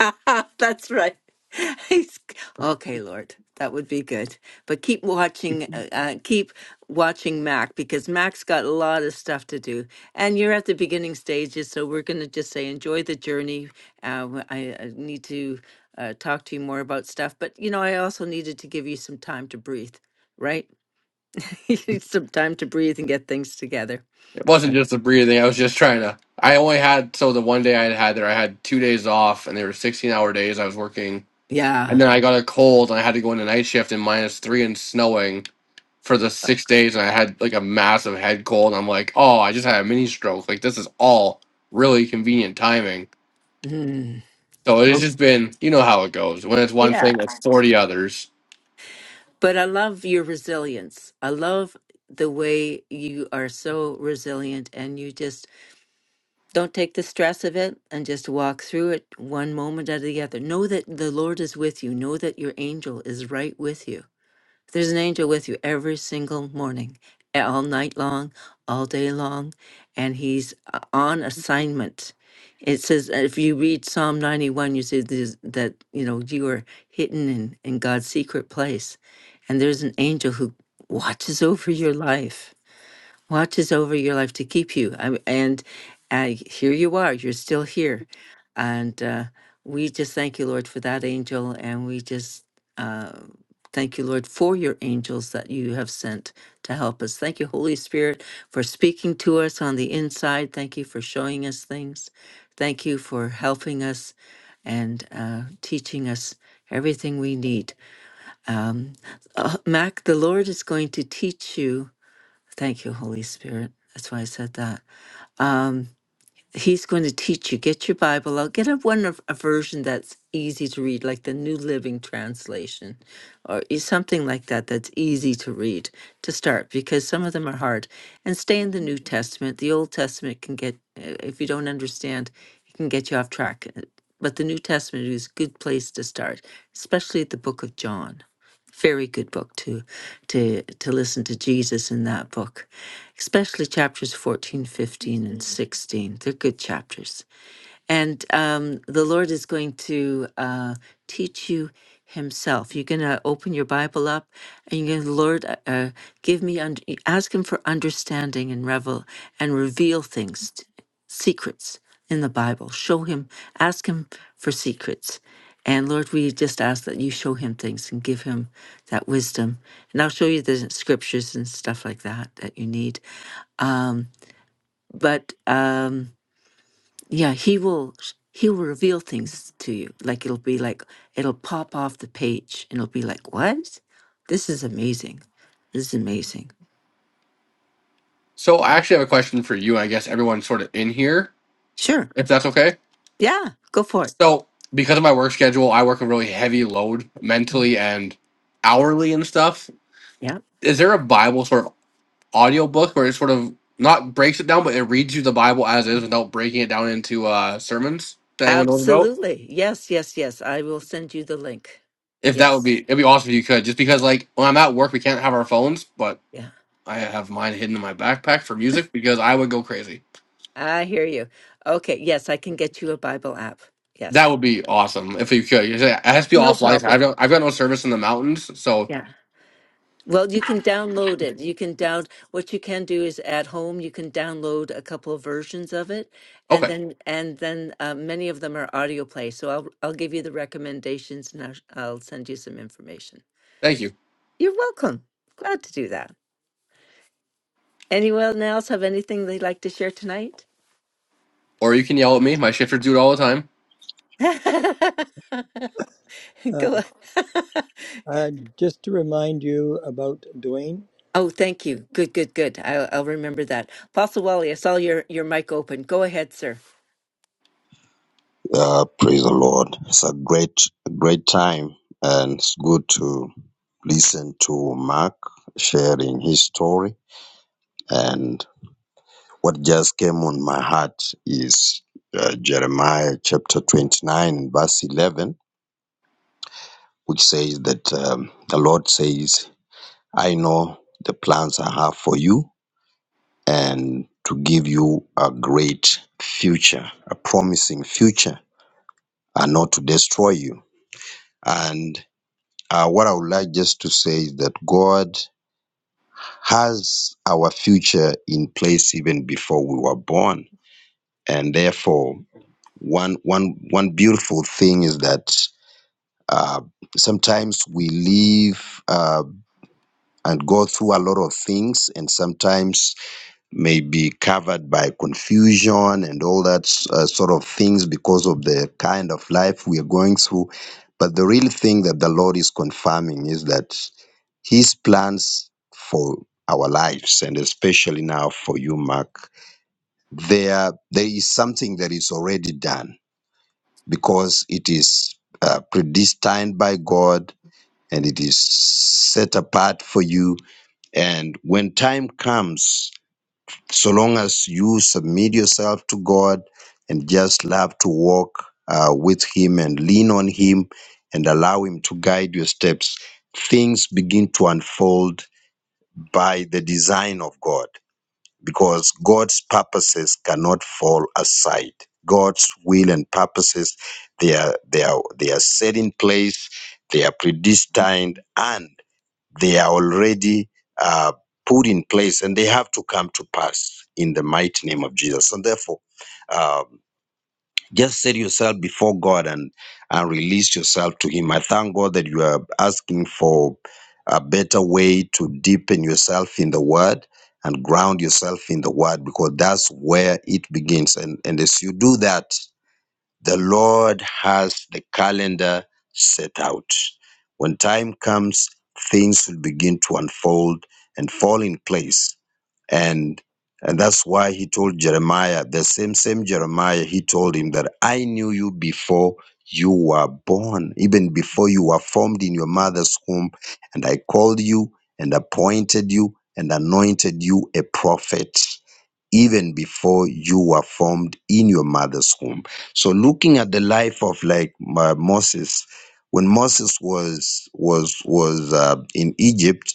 S1: [LAUGHS] That's right. [LAUGHS] He's okay, Lord. That would be good. But keep watching, uh, uh, keep watching Mac because Mac's got a lot of stuff to do, and you're at the beginning stages. So we're going to just say enjoy the journey. Uh, w- I, I need to uh, talk to you more about stuff, but you know, I also needed to give you some time to breathe. Right, [LAUGHS] you need some time to breathe and get things together.
S2: It wasn't
S1: So
S2: just the breathing. I was just trying to. I only had so the one day I had had there, I had two days off, and they were sixteen hour days. I was working, and
S1: yeah.
S2: then I got a cold, and I had to go into night shift in minus three and snowing. for the six days and I had like a massive head cold. I'm like, oh, I just had a mini stroke. Like this is all really convenient timing.
S1: Mm.
S2: So it's
S1: Oh.
S2: just been, you know how it goes. When it's one thing, it's 40 others.
S1: But I love your resilience. I love the way you are so resilient and you just don't take the stress of it and just walk through it one moment out of the other. Know that the Lord is with you. Know that your angel is right with you. There's an angel with you every single morning, all night long, all day long, and he's uh, on assignment. It says uh, if you read Psalm 91, you see this, that you know you are hidden in, in God's secret place, and there's an angel who watches over your life watches over your life to keep you. I, and I, here you are, you're still here. And uh, we just thank you, Lord, for that angel. And we just uh, thank you, Lord, for your angels that you have sent to help us. Thank you, Holy Spirit, for speaking to us on the inside. Thank you for showing us things. Thank you for helping us and uh, teaching us everything we need. Um, uh, Mac, the Lord is going to teach you. Thank you, Holy Spirit. That's why I said that. Um, he's going to teach you. Get your Bible out. Get a one of- a version that's easy to read, like the New Living Translation, or e- something like that. That's easy to read to start, because some of them are hard. And stay in the New Testament. The Old Testament can get, uh, if you don't understand, it can get you off track. uh, But the New Testament is a good place to start, especially the Book of John very good book to to to listen to Jesus in that book especially chapters 14, 15, and 16 they're good chapters and um, the Lord is going to uh, teach you Himself. You're going to open your Bible up and you're going to, Lord, uh, uh, give me, und- ask Him for understanding and revel and reveal things, t- secrets in the Bible. Show Him, ask Him for secrets. And Lord, we just ask that you show Him things and give Him that wisdom. And I'll show you the scriptures and stuff like that that you need. Um, but. Um, yeah, he will sh- he will reveal things to you. Like it'll be like it'll pop off the page and it'll be like, "What? This is amazing. This is amazing."
S2: So I actually have a question for you. and I guess everyone sort of in here,
S1: Sure.
S2: if that's okay.
S1: Yeah, go for it.
S2: So because of my work schedule, I work a really heavy load mentally and hourly and stuff.
S1: Yeah.
S2: Is there a Bible sort of audiobook where it sort of not breaks it down, but it reads you the Bible as is without breaking it down into uh, sermons that anyone knows about?
S1: Absolutely. Yes, yes, yes. I will send you the link.
S2: If that would be,
S1: Yes.
S2: it'd be awesome if you could. Just because, like, when I'm at work, we can't have our phones, but
S1: Yeah.
S2: I have mine hidden in my backpack for music because I would go crazy.
S1: I hear you. Okay, yes, I can get you a Bible app.
S2: That
S1: Yes.
S2: would be awesome if you could. You say, It has to be
S1: No
S2: offline. I've
S1: problem.
S2: got, I've got no service in the mountains, so
S1: Yeah. Well, you can download it. You can down what you can do is at home you can download a couple of versions of it, and
S2: okay,
S1: then and then uh, many of them are audio play. So I'll I'll give you the recommendations and I'll, I'll send you some information.
S2: thank you.
S1: You're welcome. Glad to do that. Anyone else have anything they'd like to share tonight?
S2: Or you can yell at me. My shifters do it all the time.
S1: [LAUGHS] Go
S5: Uh,
S1: on. [LAUGHS]
S5: uh, just to remind you about Dwayne.
S1: Oh, thank you. Good, good, good. I'll, I'll remember that. Apostle Wally, I saw your, your mic open. Go ahead, sir.
S6: Uh, praise the Lord. It's a great, great time, and it's good to listen to Mark sharing his story. And what just came on my heart is uh, Jeremiah chapter 29, verse 11, which says that um, the Lord says, I know the plans I have for you and to give you a great future, a promising future, and not to destroy you. And Uh, what I would like just to say is that God has our future in place even before we were born, and therefore, one one one beautiful thing is that uh, sometimes we live uh, and go through a lot of things, and sometimes may be covered by confusion and all that s- uh, sort of things because of the kind of life we are going through. But the real thing that the Lord is confirming is that His plans for our lives, and especially now for you, Mark, there there is something that is already done because it is uh, predestined by God and it is set apart for you. And when time comes, so long as you submit yourself to God and just love to walk uh, with Him and lean on Him and allow Him to guide your steps, things begin to unfold by the design of God because God's purposes cannot fall aside. God's will and purposes, they are, they are, they are set in place, they are predestined, and they are already uh, put in place and they have to come to pass in the mighty name of Jesus. And therefore, um, just set yourself before God and, and release yourself to Him. I thank God that you are asking for a better way to deepen yourself in the Word and ground yourself in the Word because that's where it begins. And, and as you do that, the Lord has the calendar set out. When time comes, things will begin to unfold and fall in place. And and that's why he told Jeremiah, the same same Jeremiah, he told him that I knew you before you were born, even before you were formed in your mother's womb, and I called you and appointed you and anointed you a prophet even before you were formed in your mother's womb. So looking at the life of like uh, Moses, when Moses was was was uh, in Egypt,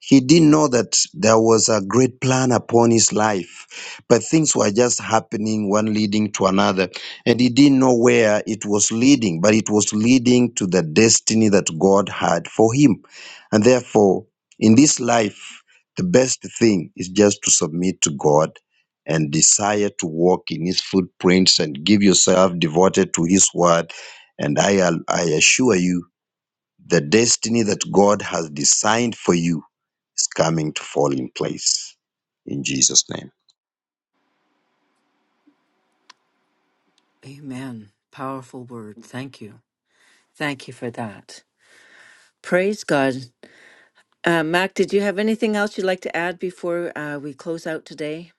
S6: he didn't know that there was a great plan upon his life, but things were just happening, one leading to another, and he didn't know where it was leading, but it was leading to the destiny that God had for him, and therefore in this life. The best thing is just to submit to God and desire to walk in his footprints and give yourself devoted to his word. And I, al- I assure you, the destiny that God has designed for you is coming to fall in place. In Jesus' name.
S1: Amen. Powerful word. Thank you. Thank you for that. Praise God. Uh, Mac, did you have anything else you'd like to add before uh, we close out today?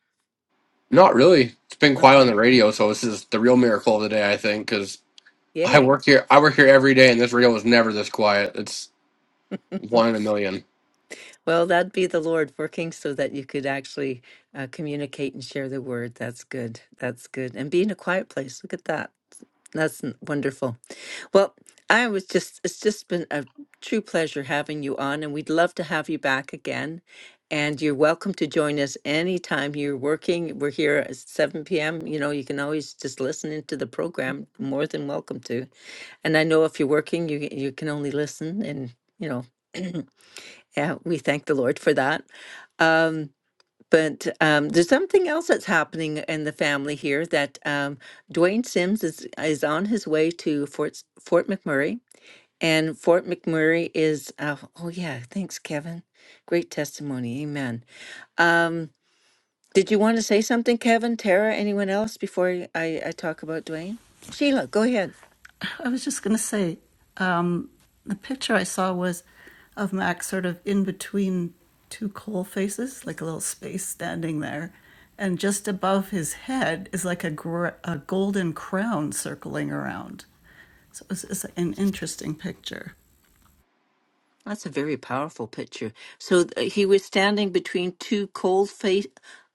S2: Not really. It's been quiet on
S1: Okay.
S2: the radio, so this is the real miracle of the day, I think, because I
S1: Yay.
S2: work here. I work here every day, and this radio is never this quiet. It's
S1: [LAUGHS]
S2: one in a million.
S1: Well, that'd be the Lord working so that you could actually uh, communicate and share the word. That's good. That's good. And be in a quiet place. Look at that. That's n- wonderful. Well, I was just, it's just been a true pleasure having you on, and we'd love to have you back again. And you're welcome to join us anytime you're working. We're here at 7 p.m. You know, you can always just listen into the program. More than welcome to. And I know if you're working, you you can only listen, and you know, [CLEARS THROAT] yeah, we thank the Lord for that. Um, but um, there's something else that's happening in the family here that um, Dwayne Sims is is on his way to Fort Fort McMurray and Fort McMurray is, uh, oh yeah, thanks, Kevin. Great testimony. Amen. Um, did you want to say something, Kevin, Tara, anyone else before I, I I talk about Dwayne? Sheila, go ahead.
S7: I was just going to say um, the picture I saw was of Max sort of in between two coal faces, like a little space standing there. And just above his head is like a, gr- a golden crown circling around. So it was, it's an interesting picture.
S1: That's a very powerful picture. So th- he was standing between two cold face,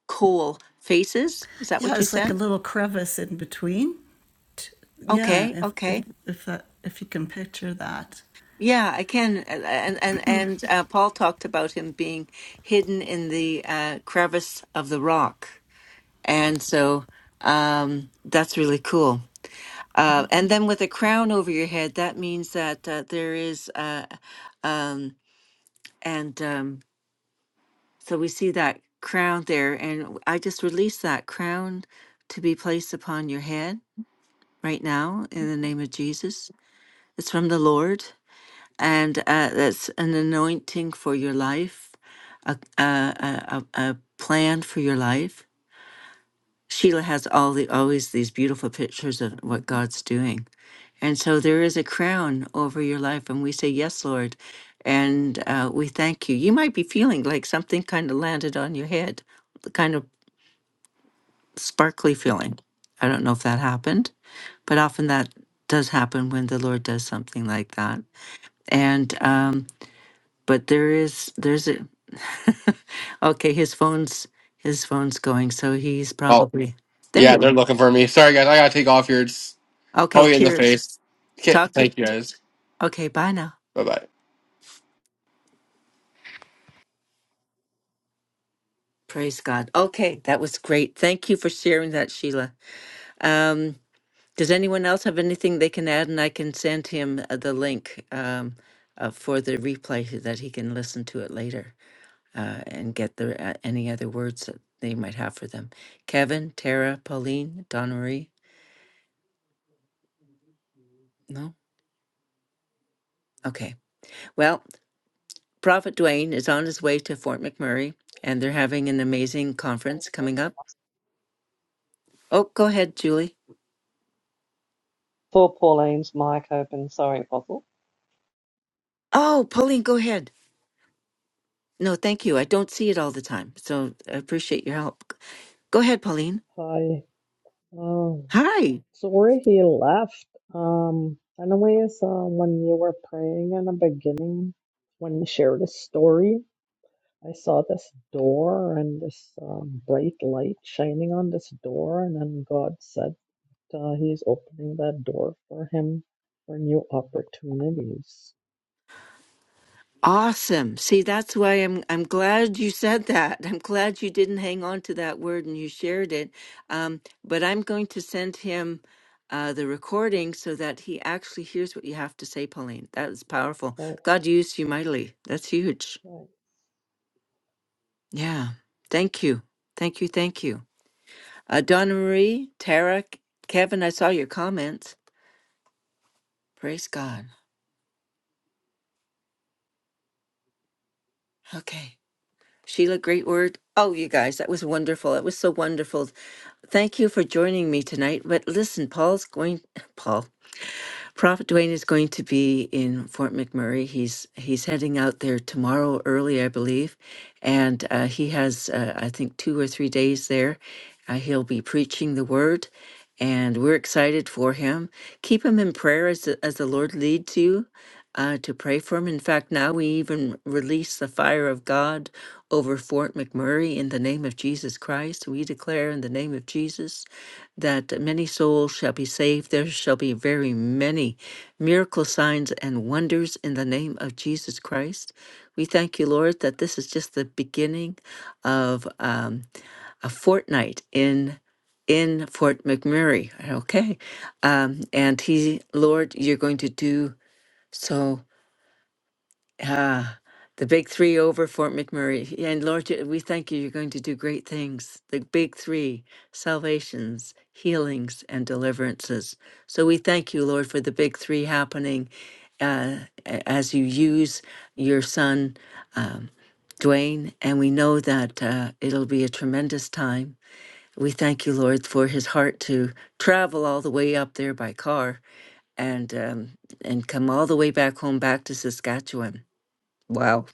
S1: coal faces. Is that
S7: Yeah,
S1: what you
S7: it's like a
S1: said?
S7: little crevice in between. Yeah,
S1: Okay,
S7: if if
S1: okay.
S7: if that if you can picture that.
S1: Yeah, I can. uh, And and and uh, Paul talked about him being hidden in the uh, crevice of the rock. And so um, that's really cool. Uh, and then with a crown over your head, that means that uh, there is, uh, um, and um, so we see that crown there. And I just release that crown to be placed upon your head right now in the name of Jesus. It's from the Lord, and uh, that's an anointing for your life, a, a, a, a a plan for your life Sheila has all the always these beautiful pictures of what God's doing. And so there is a crown over your life, and we say, Yes, Lord. And uh, we thank you. You might be feeling like something kind of landed on your head, the kind of sparkly feeling. I don't know if that happened, but often that does happen when the Lord does something like that. And, um, but there is, there's a, [LAUGHS] okay, his phone's, his phone's going. So he's
S2: Oh
S1: probably, there
S2: yeah,
S1: you
S2: they're
S1: are.
S2: looking for me. Sorry guys, I gotta take off here. It's
S1: Okay,
S2: Probably in the
S1: cheers.
S2: face. Okay,
S1: Talk to you.
S2: thank you
S1: t-
S2: guys.
S1: Okay, bye now.
S2: Bye bye.
S1: Praise God. Okay, that was great. Thank you for sharing that, Sheila. Um, does anyone else have anything they can add? And I can send him uh, the link um, uh, for the replay so that he can listen to it later uh, and get the uh, any other words that they might have for them. Kevin, Tara, Pauline, Donna Marie. No. Okay. Well, Prophet Dwayne is on his way to Fort McMurray, and they're having an amazing conference coming up. Oh, go ahead, Julie.
S4: Four Pauline's mic open. Sorry, Apostle.
S1: Oh, Pauline, go ahead. No, thank you. I don't see it all the time. So I appreciate your help. Go ahead, Pauline.
S8: Hi. Um,
S1: Hi.
S8: sorry he left. Um, anyways, uh, when you were praying in the beginning, when you shared a story, I saw this door and this um, bright light shining on this door, and then God said uh, He's opening that door for him for new opportunities.
S1: Awesome. See, that's why I'm I'm glad you said that. I'm glad you didn't hang on to that word and you shared it. Um, but I'm going to send him uh, the recording so that he actually hears what you have to say, Pauline. That is powerful.
S8: Thanks.
S1: God used you mightily. That's huge.
S8: Thanks.
S1: Yeah. Thank you. Thank you. Thank you. Uh, Donna Marie, Tara, Kevin, I saw your comments. Praise God. Okay. Sheila, great word. Oh, you guys, that was wonderful. That was so wonderful. Thank you for joining me tonight. But listen, Paul's going. [LAUGHS] Paul, Prophet Dwayne is going to be in Fort McMurray. He's he's heading out there tomorrow early, I believe, and uh, he has uh, I think two or three days there. Uh, he'll be preaching the word, and we're excited for him. Keep him in prayer as the, as the Lord leads you uh, to pray for him. In fact, now we even release the fire of God over Fort McMurray in the name of Jesus Christ. We declare in the name of Jesus that many souls shall be saved. There shall be very many miracle signs and wonders in the name of Jesus Christ. We thank you, Lord, that this is just the beginning of um, a fortnight in in Fort McMurray. Okay, um, and He, Lord, you're going to do so Ah, the big three over Fort McMurray. Yeah, And Lord, you- we thank you. You're going to do great things. The big three salvations, healings, and deliverances. So we thank you, Lord, for the big three happening uh, a- as you use your son, um, Dwayne. And we know that uh, it'll be a tremendous time. We thank you, Lord, for his heart to travel all the way up there by car and um, and come all the way back home, back to Saskatchewan. Wow.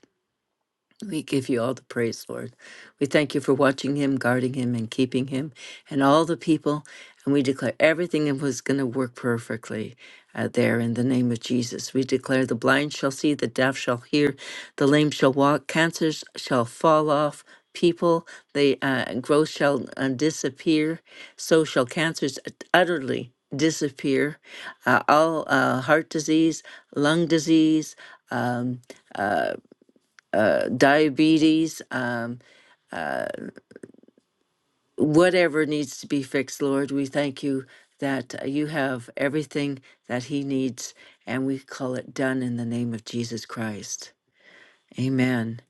S1: We give you all the praise, Lord. We thank you for watching him, guarding him, and keeping him, and all the people. And we declare everything was going to work perfectly uh, there in the name of Jesus. We declare the blind shall see, the deaf shall hear, the lame shall walk, cancers shall fall off. People, the uh, growth shall uh, disappear. So shall cancers utterly disappear. Uh, all uh, heart disease, lung disease, um, uh, diabetes, um, whatever needs to be fixed, Lord, we thank you that uh, you have everything that he needs, and we call it done in the name of Jesus Christ. Amen.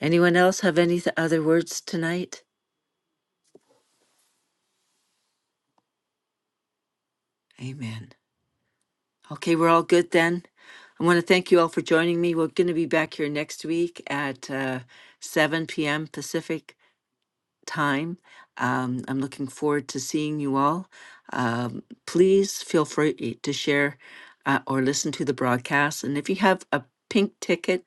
S1: Anyone else have any th- other words tonight? Amen. Okay, we're all good then. I want to thank you all for joining me. We're going to be back here next week at uh, 7 p.m. Pacific. time. Um, I'm looking forward to seeing you all. Um, please feel free to share uh, or listen to the broadcast. And if you have a pink ticket,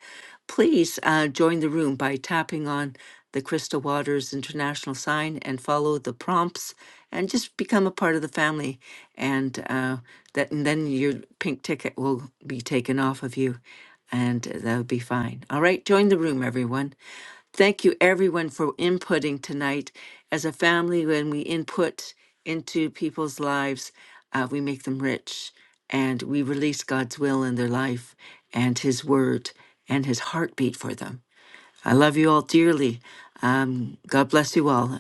S1: please uh, join the room by tapping on the Crystal Waters International sign and follow the prompts and just become a part of the family. And uh, that and then your pink ticket will be taken off of you and that'll be fine. All right, join the room, everyone. Thank you, everyone, for inputting tonight. As a family, when we input into people's lives, uh, we make them rich and we release God's will in their life and His word and His heartbeat for them. I love you all dearly. Um, God bless you all.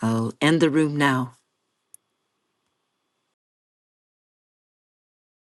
S1: I'll end the room now.